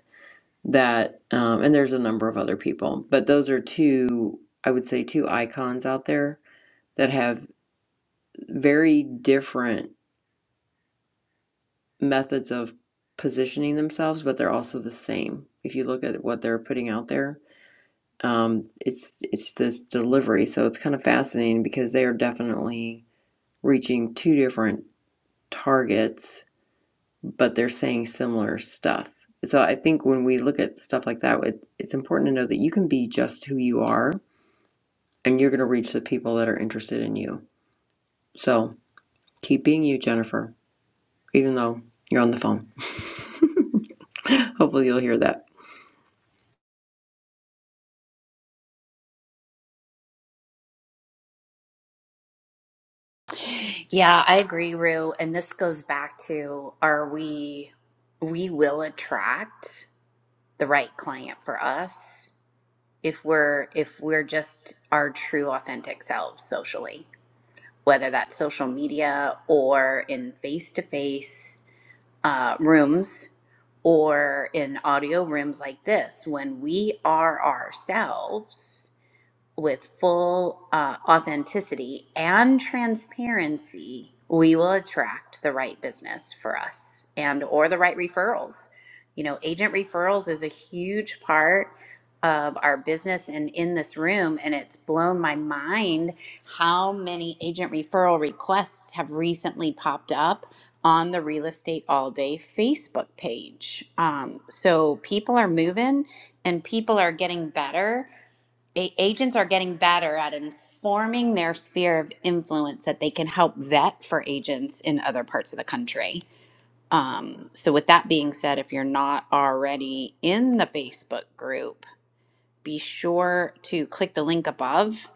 S7: that, um, and there's a number of other people, but those are two, I would say, two icons out there that have very different methods of positioning themselves, but they're also the same. If you look at what they're putting out there, um, it's it's this delivery. So it's kind of fascinating because they are definitely reaching two different targets, but they're saying similar stuff. So I think when we look at stuff like that, it, it's important to know that you can be just who you are, and you're going to reach the people that are interested in you. So keep being you, Jennifer, even though you're on the phone. Hopefully, you'll hear that.
S1: Yeah, I agree, Rue. And this goes back to are we we will attract the right client for us if we're if we're just our true authentic selves socially, whether that's social media or in face-to-face uh, rooms or in audio rooms like this, when we are ourselves with full uh, authenticity and transparency we will attract the right business for us and or the right referrals you know agent referrals is a huge part of our business and in this room and it's blown my mind how many agent referral requests have recently popped up on the real estate all day facebook page um, so people are moving and people are getting better a- agents are getting better at informing their sphere of influence that they can help vet for agents in other parts of the country. Um, so, with that being said, if you're not already in the Facebook group, be sure to click the link above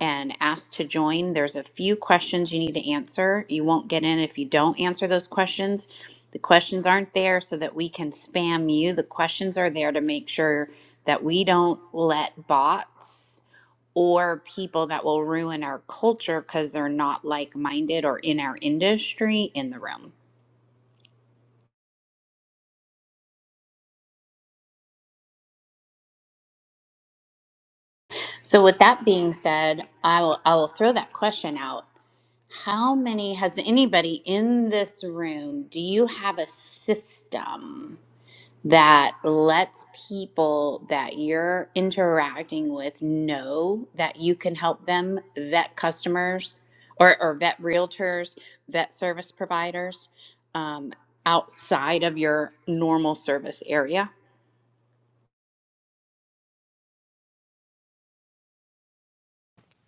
S1: and ask to join. There's a few questions you need to answer. You won't get in if you don't answer those questions. The questions aren't there so that we can spam you. The questions are there to make sure that we don't let bots or people that will ruin our culture because they're not like minded or in our industry in the room. So, with that being said, I will, I will throw that question out. How many has anybody in this room? Do you have a system? that lets people that you're interacting with know that you can help them vet customers or, or vet realtors, vet service providers um, outside of your normal service area?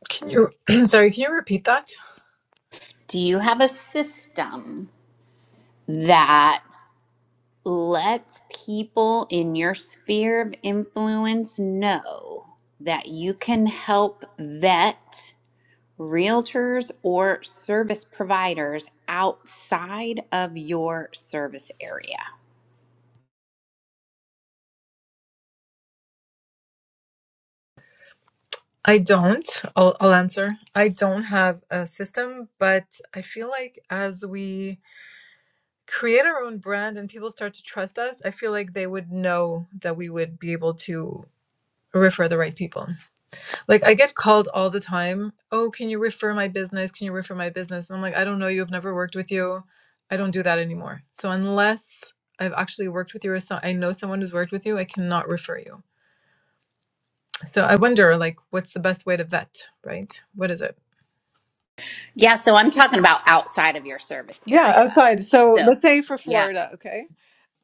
S8: Can you sorry, can you repeat that?
S1: Do you have a system that lets people in your sphere of influence know that you can help vet? realtors or service providers outside of your service area.
S8: I don't. I'll I'll answer. I don't have a system, but I feel like as we create our own brand and people start to trust us, I feel like they would know that we would be able to refer the right people. Like I get called all the time, "Oh, can you refer my business? Can you refer my business?" And I'm like, "I don't know you. I've never worked with you. I don't do that anymore." So unless I've actually worked with you or so I know someone who's worked with you, I cannot refer you. So I wonder like what's the best way to vet, right? What is it?
S1: Yeah, so I'm talking about outside of your service
S8: Yeah,
S1: area.
S8: outside. So
S1: So,
S8: let's say for
S1: yeah,
S8: Florida, okay?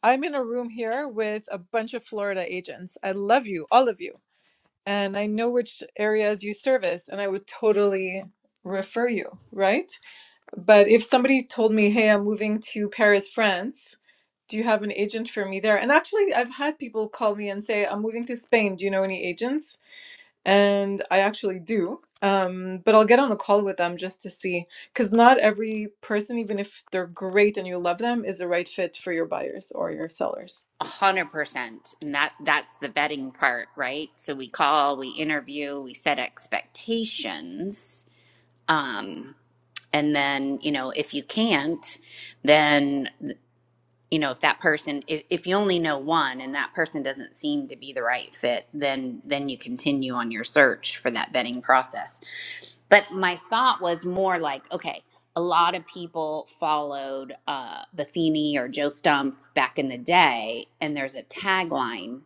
S8: I'm in a room here with a bunch of Florida agents. I love you, all of you. And I know which areas you service, and I would totally refer you, right? But if somebody told me, hey, I'm moving to Paris, France, do you have an agent for me there? And actually, I've had people call me and say, I'm moving to Spain. Do you know any agents? And I actually do. Um, but I'll get on a call with them just to see, because not every person, even if they're great and you love them, is the right fit for your buyers or your sellers.
S1: 100%. And that that's the vetting part, right? So we call, we interview, we set expectations. Um and then, you know, if you can't, then you know if that person if, if you only know one and that person doesn't seem to be the right fit then then you continue on your search for that vetting process but my thought was more like okay a lot of people followed uh, Buffini or Joe Stump back in the day, and there's a tagline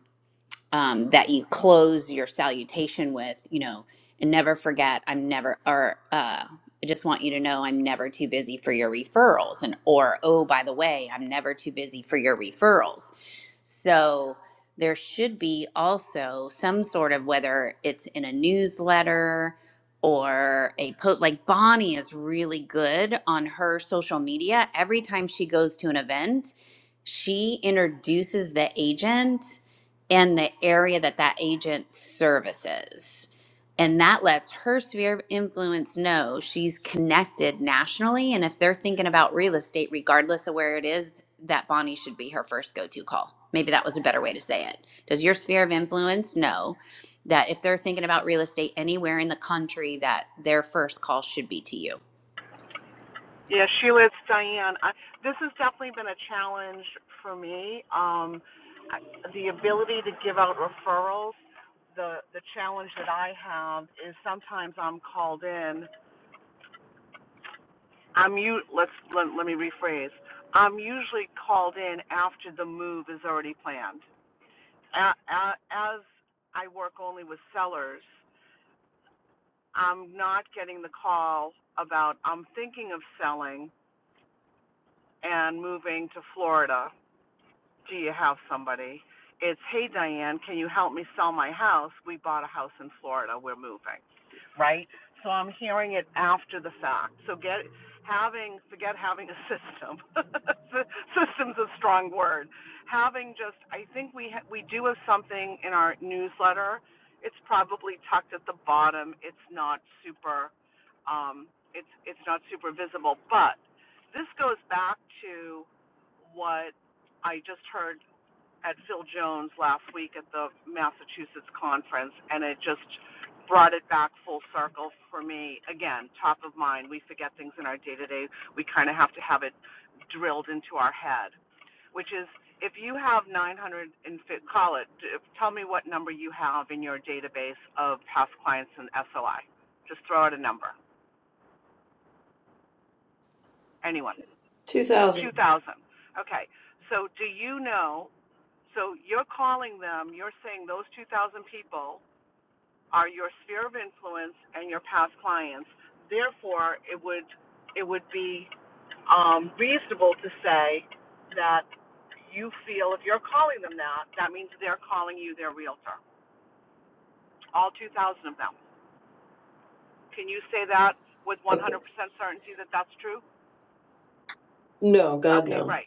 S1: um, that you close your salutation with, you know, and never forget, I'm never, or uh, I just want you to know I'm never too busy for your referrals. And, or, oh, by the way, I'm never too busy for your referrals. So there should be also some sort of, whether it's in a newsletter or a post, like Bonnie is really good on her social media. Every time she goes to an event, she introduces the agent in the area that that agent services. And that lets her sphere of influence know she's connected nationally. And if they're thinking about real estate, regardless of where it is, that Bonnie should be her first go to call. Maybe that was a better way to say it. Does your sphere of influence know that if they're thinking about real estate anywhere in the country, that their first call should be to you?
S5: Yeah, Sheila, it's Diane. I, this has definitely been a challenge for me. Um, I, the ability to give out referrals. The the challenge that I have is sometimes I'm called in. I'm you. Let's let, let me rephrase. I'm usually called in after the move is already planned. A, a, as I work only with sellers, I'm not getting the call about I'm thinking of selling and moving to Florida do you have somebody? It's, hey, Diane, can you help me sell my house? We bought a house in Florida. We're moving, right? So I'm hearing it after the fact. So get having forget having a system. System's a strong word. Having just, I think we ha- we do have something in our newsletter. It's probably tucked at the bottom. It's not super, um, it's it's not super visible. But this goes back to what I just heard at Phil Jones last week at the Massachusetts conference, and it just brought it back full circle for me. Again, top of mind, we forget things in our day to day. We kind of have to have it drilled into our head, which is if you have 900 and call it, tell me what number you have in your database of past clients in SOI. Just throw out a number. Anyone.
S7: 2000.
S5: 2,000. Okay. So do you know So you're calling them, you're saying those 2,000 people are your sphere of influence and your past clients. Therefore, it would it would be um, reasonable to say that you feel if you're calling them that, that means they're calling you their realtor. All 2,000 of them. Can you say that with 100%
S7: Okay.
S5: certainty that that's true?
S7: No, God,
S5: Okay,
S7: no.
S5: right.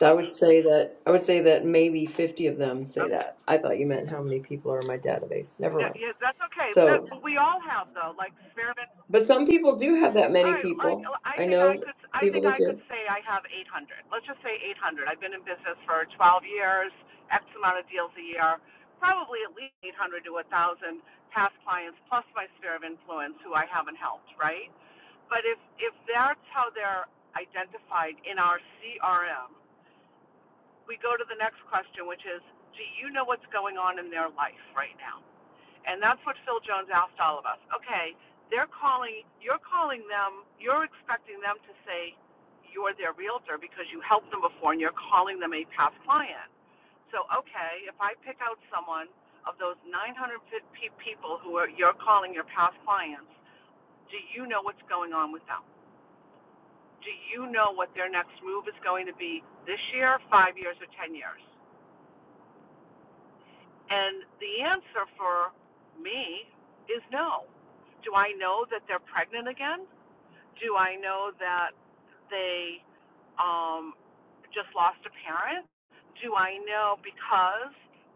S7: I would say that I would say that maybe 50 of them say
S5: Okay.
S7: that. I thought you meant how many people are in my database. Never
S5: No,
S7: mind.
S5: Yeah, that's okay. That,
S7: So,
S5: but we all have though, like sphere of
S7: but some people do have that
S5: All
S7: many
S5: right, like
S7: people.
S5: I
S7: I
S5: think I
S7: know
S5: could, I think
S7: people that
S5: I
S7: do.
S5: could say I have 800. Let's just say 800. I've been in business for 12 years, X amount of deals a year, probably at least 800 to 1,000 past clients, plus my sphere of influence who I haven't helped, right? But if if that's how they're identified in our CRM, we go to the next question, which is, do you know what's going on in their life right now? And that's what Phil Jones asked all of us. Okay, they're calling, you're calling them, you're expecting them to say you're their realtor because you helped them before and you're calling them a past client. So, okay, if I pick out someone of those 950 people who are, you're calling your past clients, do you know what's going on with them? Do you know what their next move is going to be this year, five years, or 10 years? And the answer for me is no. Do I know that they're pregnant again? Do I know that they um, just lost a parent? Do I know because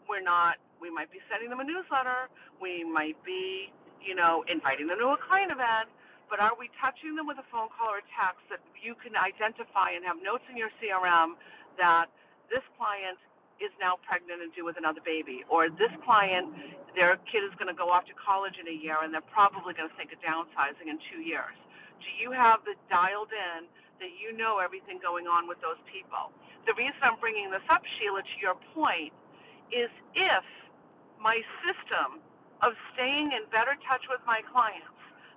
S5: we're not, we might be sending them a newsletter, we might be, you know, inviting them to a client event, but are we touching them with a phone call or a text that you can identify and have notes in your CRM that this client is now pregnant and due with another baby, or this client, their kid is going to go off to college in a year and they're probably going to think of downsizing in two years? Do you have this dialed in that you know everything going on with those people? The reason I'm bringing this up, Sheila, to your point, is if my system of staying in better touch with my clients,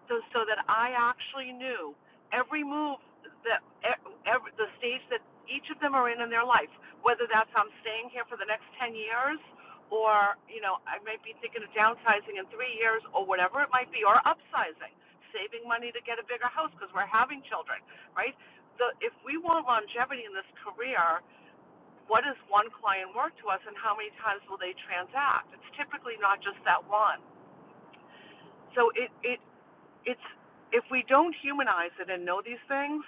S5: so so that I actually knew every move that e- every, the stage that each of them are in in their life, whether that's I'm staying here for the next 10 years or you know I might be thinking of downsizing in 3 years or whatever it might be or upsizing saving money to get a bigger house because we're having children, right? The, if we want longevity in this career, what is one client worth to us and how many times will they transact? It's typically not just that one. So it, it it's if we don't humanize it and know these things,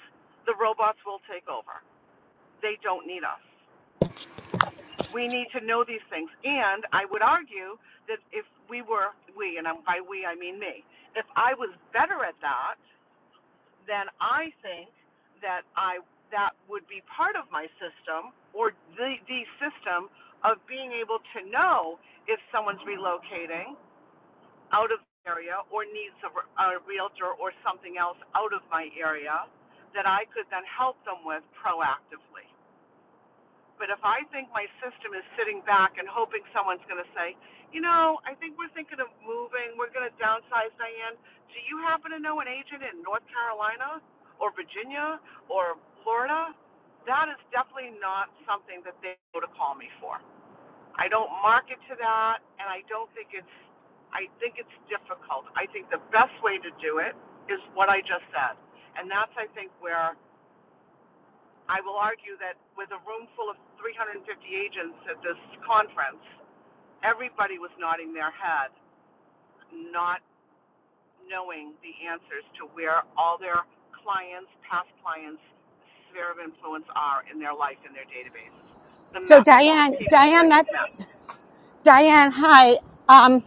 S5: the robots will take over. They don't need us. We need to know these things. And I would argue that if we were we and by we I mean me, if I was better at that, then I think that I that would be part of my system or the the system of being able to know if someone's relocating out of the area or needs a, a realtor or something else out of my area that I could then help them with proactively. But if I think my system is sitting back and hoping someone's going to say, you know, I think we're thinking of moving, we're going to downsize, Diane. Do you happen to know an agent in North Carolina or Virginia or Florida? That is definitely not something that they go to call me for. I don't market to that, and I don't think it's. I think it's difficult. I think the best way to do it is what I just said, and that's I think where I will argue that with a room full of 350 agents at this conference, everybody was nodding their head, not knowing the answers to where all their clients, past clients, sphere of influence are in their life, in their database. The
S10: So
S5: MEPs, the
S10: Diane,
S5: people
S10: Diane,
S5: that you've
S10: that's
S5: met.
S10: Diane. Hi. Um,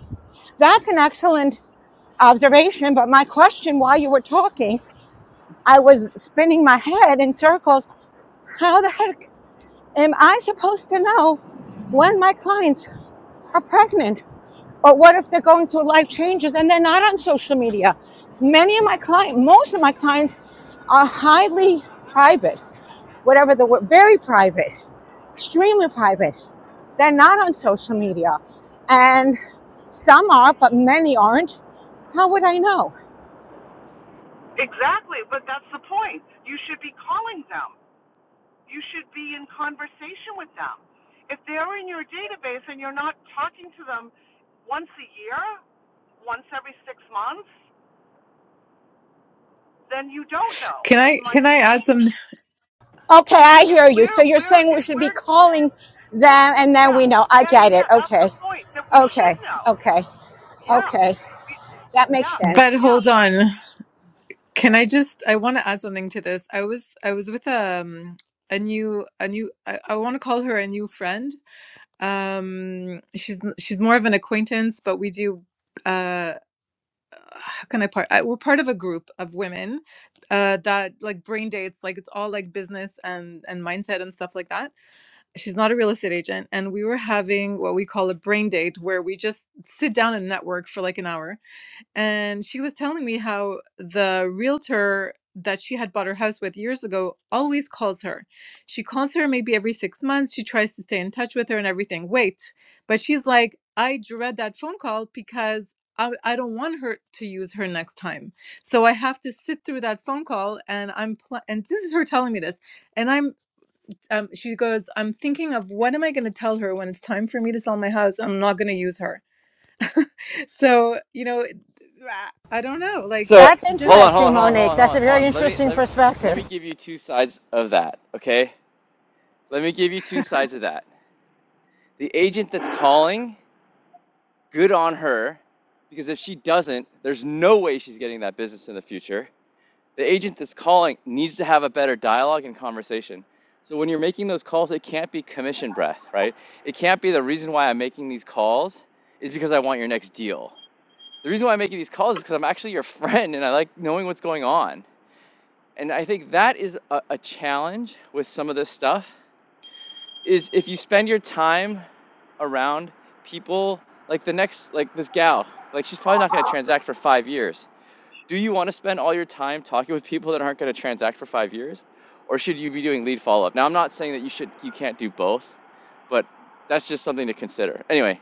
S10: that's an excellent observation. But my question while you were talking, I was spinning my head in circles. How the heck am I supposed to know when my clients are pregnant? Or what if they're going through life changes and they're not on social media? Many of my clients, most of my clients are highly private, whatever the word, very private, extremely private. They're not on social media. And some are, but many aren't. How would I know?
S5: Exactly, but that's the point. You should be calling them. You should be in conversation with them. If they're in your database and you're not talking to them once a year once every six months, then you don't
S8: Can
S5: know. And
S8: I
S5: my,
S8: can I add some
S10: Okay, I
S5: if
S10: hear you.
S5: we're
S10: So you're
S5: we're
S10: saying we
S5: if
S10: should be
S5: we're
S10: calling them and then
S5: yeah
S10: we know. I
S5: yeah yeah
S10: get it.
S5: yeah, that's
S10: Okay.
S5: the point that we should
S10: Okay,
S5: know.
S10: okay,
S5: Yeah,
S10: okay.
S5: we,
S10: That makes
S5: yes,
S8: but
S10: sense.
S5: yes.
S8: hold on. Can I just I want to add something to this. I was I was with um a new a new I, I want to call her a new friend. Um she's she's more of an acquaintance, but we do uh how can I part I, we're part of a group of women uh that like brain dates like it's all like business and and mindset and stuff like that. She's not a real estate agent and we were having what we call a brain date where we just sit down and network for like an hour and she was telling me how the realtor that she had bought her house with years ago always calls her. She calls her maybe every six months. She tries to stay in touch with her and everything. Wait, but she's like, I dread that phone call because I, I don't want her to use her next time. So I have to sit through that phone call, and I'm pl- and this is her telling me this, and I'm. Um, she goes, I'm thinking of what am I going to tell her when it's time for me to sell my house? I'm not going to use her. So, you know, I I don't know. Like,
S9: So
S10: That's
S8: just
S9: hold on, hold
S10: interesting,
S9: on, hold on, hold
S10: Monique.
S9: on, hold
S10: That's
S9: on,
S10: a
S9: hold
S10: very
S9: on. Let me
S10: interesting
S9: let me let
S10: perspective.
S9: me give you two sides of that. Okay. Let me give you two sides of that. the agent that's calling, good on her, because if she doesn't, there's no way she's getting that business in the future. The agent that's calling needs to have a better dialogue and conversation. So when you're making those calls, it can't be commission breath, right? It can't be the reason why I'm making these calls is because I want your next deal. The reason why I'm making these calls is because I'm actually your friend and I like knowing what's going on. And I think that is a, a challenge with some of this stuff is if you spend your time around people like the next like this gal like she's probably not going to transact for five years do you want to spend all your time talking with people that aren't going to transact for five years or should you be doing lead follow-up now i'm not saying that you should you can't do both but that's just something to consider anyway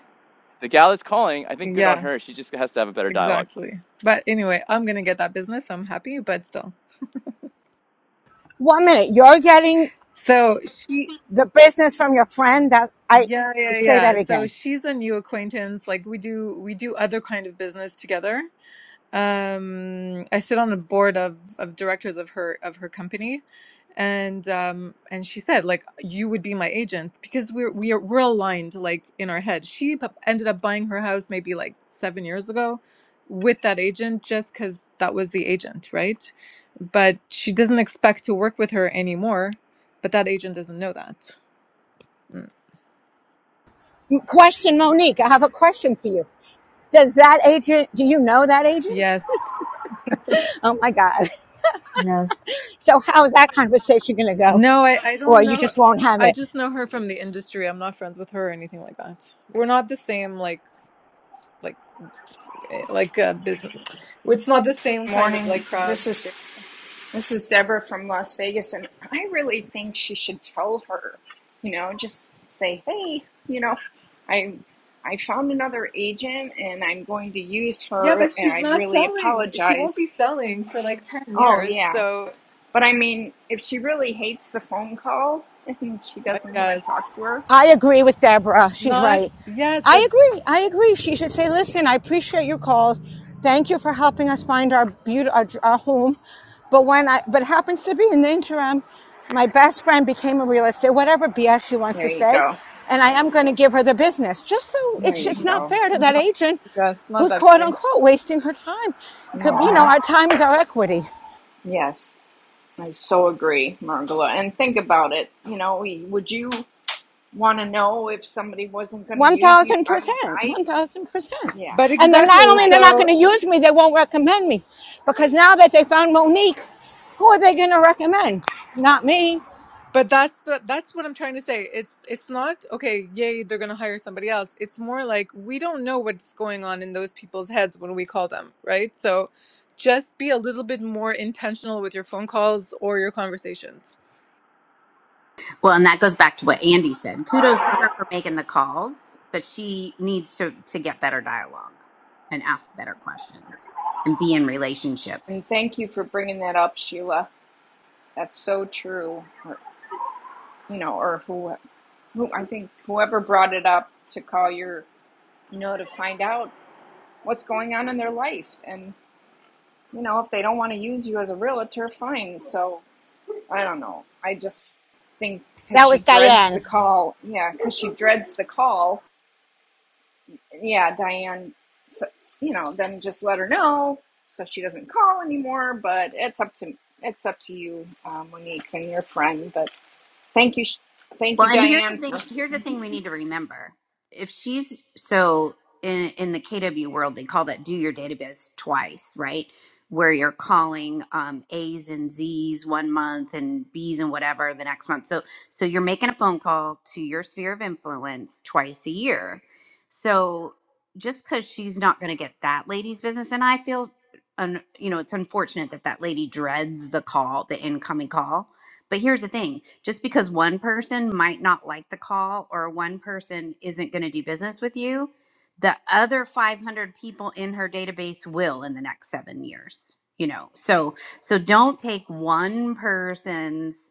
S9: the gal that's calling i think good on
S8: yeah,
S9: her she just has to have a better dialogue
S8: exactly. But anyway, I'm gonna get that business. I'm happy, but still.
S10: One minute, you're getting
S8: So she,
S10: the business from your friend that I
S8: yeah, yeah,
S10: say
S8: yeah.
S10: that
S8: So
S10: again.
S8: she's a new acquaintance. Like we do, we do other kind of business together. Um, I sit on a board of of directors of her of her company, and um, and she said like you would be my agent because we're we are we're aligned like in our head. She p- ended up buying her house maybe like seven years ago with that agent just because that was the agent, right? But she doesn't expect to work with her anymore. But that agent doesn't know that. Mm.
S10: Question, Monique, I have a question for you. Does that agent, do you know that agent?
S8: Yes.
S10: Oh my God.
S8: Yes.
S10: So, how is that conversation going to go?
S8: No, I, I
S10: Or
S8: don't
S10: you
S8: know.
S10: just won't have
S8: I
S10: it?
S8: just know her from the industry. I'm not friends with her or anything like that. We're not the same like like eh, like uh, business. It's not the same kind of
S14: morning.
S8: like crowd.
S14: This is this is Deborah from Las Vegas, and I really think she should tell her, you know, just say, hey, you know, I I found another agent, and I'm going to use
S8: Yeah,
S14: her,
S8: but
S14: and
S8: she's
S14: I
S8: not
S14: really
S8: selling. She won't be
S14: apologize.
S8: selling for like 10
S14: Oh
S8: years.
S14: yeah,
S8: So
S14: but I mean, if she really hates the phone call and she
S8: I
S14: doesn't want to
S8: guess
S14: talk to her,
S10: I agree with Deborah. She's
S8: not.
S10: right.
S8: Yes, but
S10: I agree. I agree. She should say, "Listen, I appreciate your calls. Thank you for helping us find our beauty, our, our home." But when I, but it happens to be in the interim, my best friend became a real estate, whatever BS she wants to
S14: there you
S10: say,
S14: go,
S10: and I am going to give her the business, just so
S14: there
S10: it's
S14: you
S10: it's
S8: mm,
S10: not
S14: go.
S10: fair to that
S8: not,
S10: agent
S8: yes, not
S10: who's
S8: that
S10: quote
S8: easy.
S10: unquote wasting her time. Could- You know,
S14: hmm
S10: our time is our equity.
S14: Yes, I so agree, Margola. And think about it. You know, we would you? want to know if somebody wasn't going to
S10: One
S14: use you.
S10: thousand
S14: I mean,
S10: percent,
S14: I,
S10: one thousand percent.
S14: yeah,
S8: But
S10: And then not
S8: exactly.
S10: only
S14: I,
S10: they're not going to
S8: So.
S10: use me, they won't recommend me, because now that they found Monique, who are they going to recommend? Not me.
S8: But that's the that's what I'm trying to say. It's it's not okay, yay, they're going to hire somebody else. It's more like we don't know what's going on in those people's heads when we call them, right? So just be a little bit more intentional with your phone calls or your conversations.
S1: Well, and that goes back to what Andy said. Kudos for her for making the calls, but she needs to to get better dialogue and ask better questions and be in relationship.
S14: and thank you for bringing that up, Sheila. That's so true. Or, you know, or who, who, I think whoever brought it up to call your, you know, to find out what's going on in their life. And, you know, if they don't want to use you as a realtor, fine. So I don't know. I just think because
S10: That
S14: she
S10: was
S14: dreads the
S10: Diane.
S14: call. Yeah, because she dreads the call yeah, Diane, so, you know, then just let her know so she doesn't call anymore. But it's up to it's up to you, um, Monique, and your friend. But thank you, thank
S1: Well,
S14: you,
S1: and here's the
S14: Diane.
S1: thing. Here's the thing we need to remember. If she's so in in the KW world, they call that do your database twice, right? Where you're calling um, A's and Z's one month and B's and whatever the next month. So so you're making a phone call to your sphere of influence twice a year. So just because she's not going to get that lady's business, and I feel, un, you know, it's unfortunate that that lady dreads the call, the incoming call but here's the thing just because one person might not like the call or one person isn't going to do business with you, the other 500 people in her database will in the next seven years, you know? So, so don't take one person's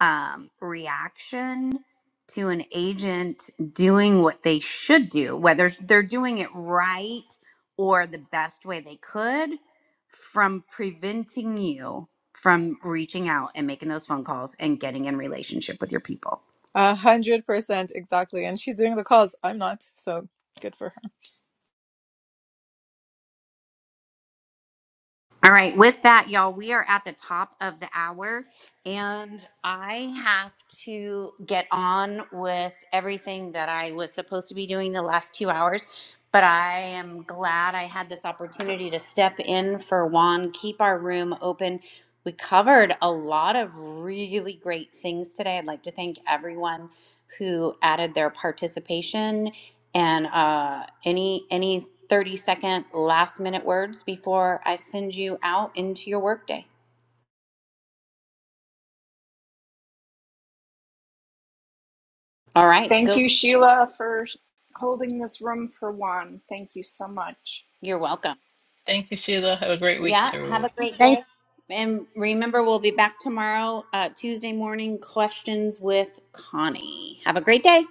S1: um, reaction to an agent doing what they should do, whether they're doing it right or the best way they could from preventing you from reaching out and making those phone calls and getting in relationship with your people.
S8: A hundred percent exactly. And she's doing the calls. I'm not, so good for her.
S1: All right, with that, y'all, we are at the top of the hour and I have to get on with everything that I was supposed to be doing the last two hours. But I am glad I had this opportunity to step in for Juan, keep our room open. We covered a lot of really great things today. I'd like to thank everyone who added their participation And uh, any any 30 second last minute words before I send you out into your workday. All right,
S14: thank
S1: go.
S14: you, Sheila, for holding this room for Juan. Thank you so much.
S1: You're welcome.
S2: Thank you, Sheila. Have a great week,
S1: Yeah,
S2: everyone.
S1: have a great
S10: They
S1: day. And remember, we'll be back tomorrow, uh, Tuesday morning, questions with Connie. Have a great day.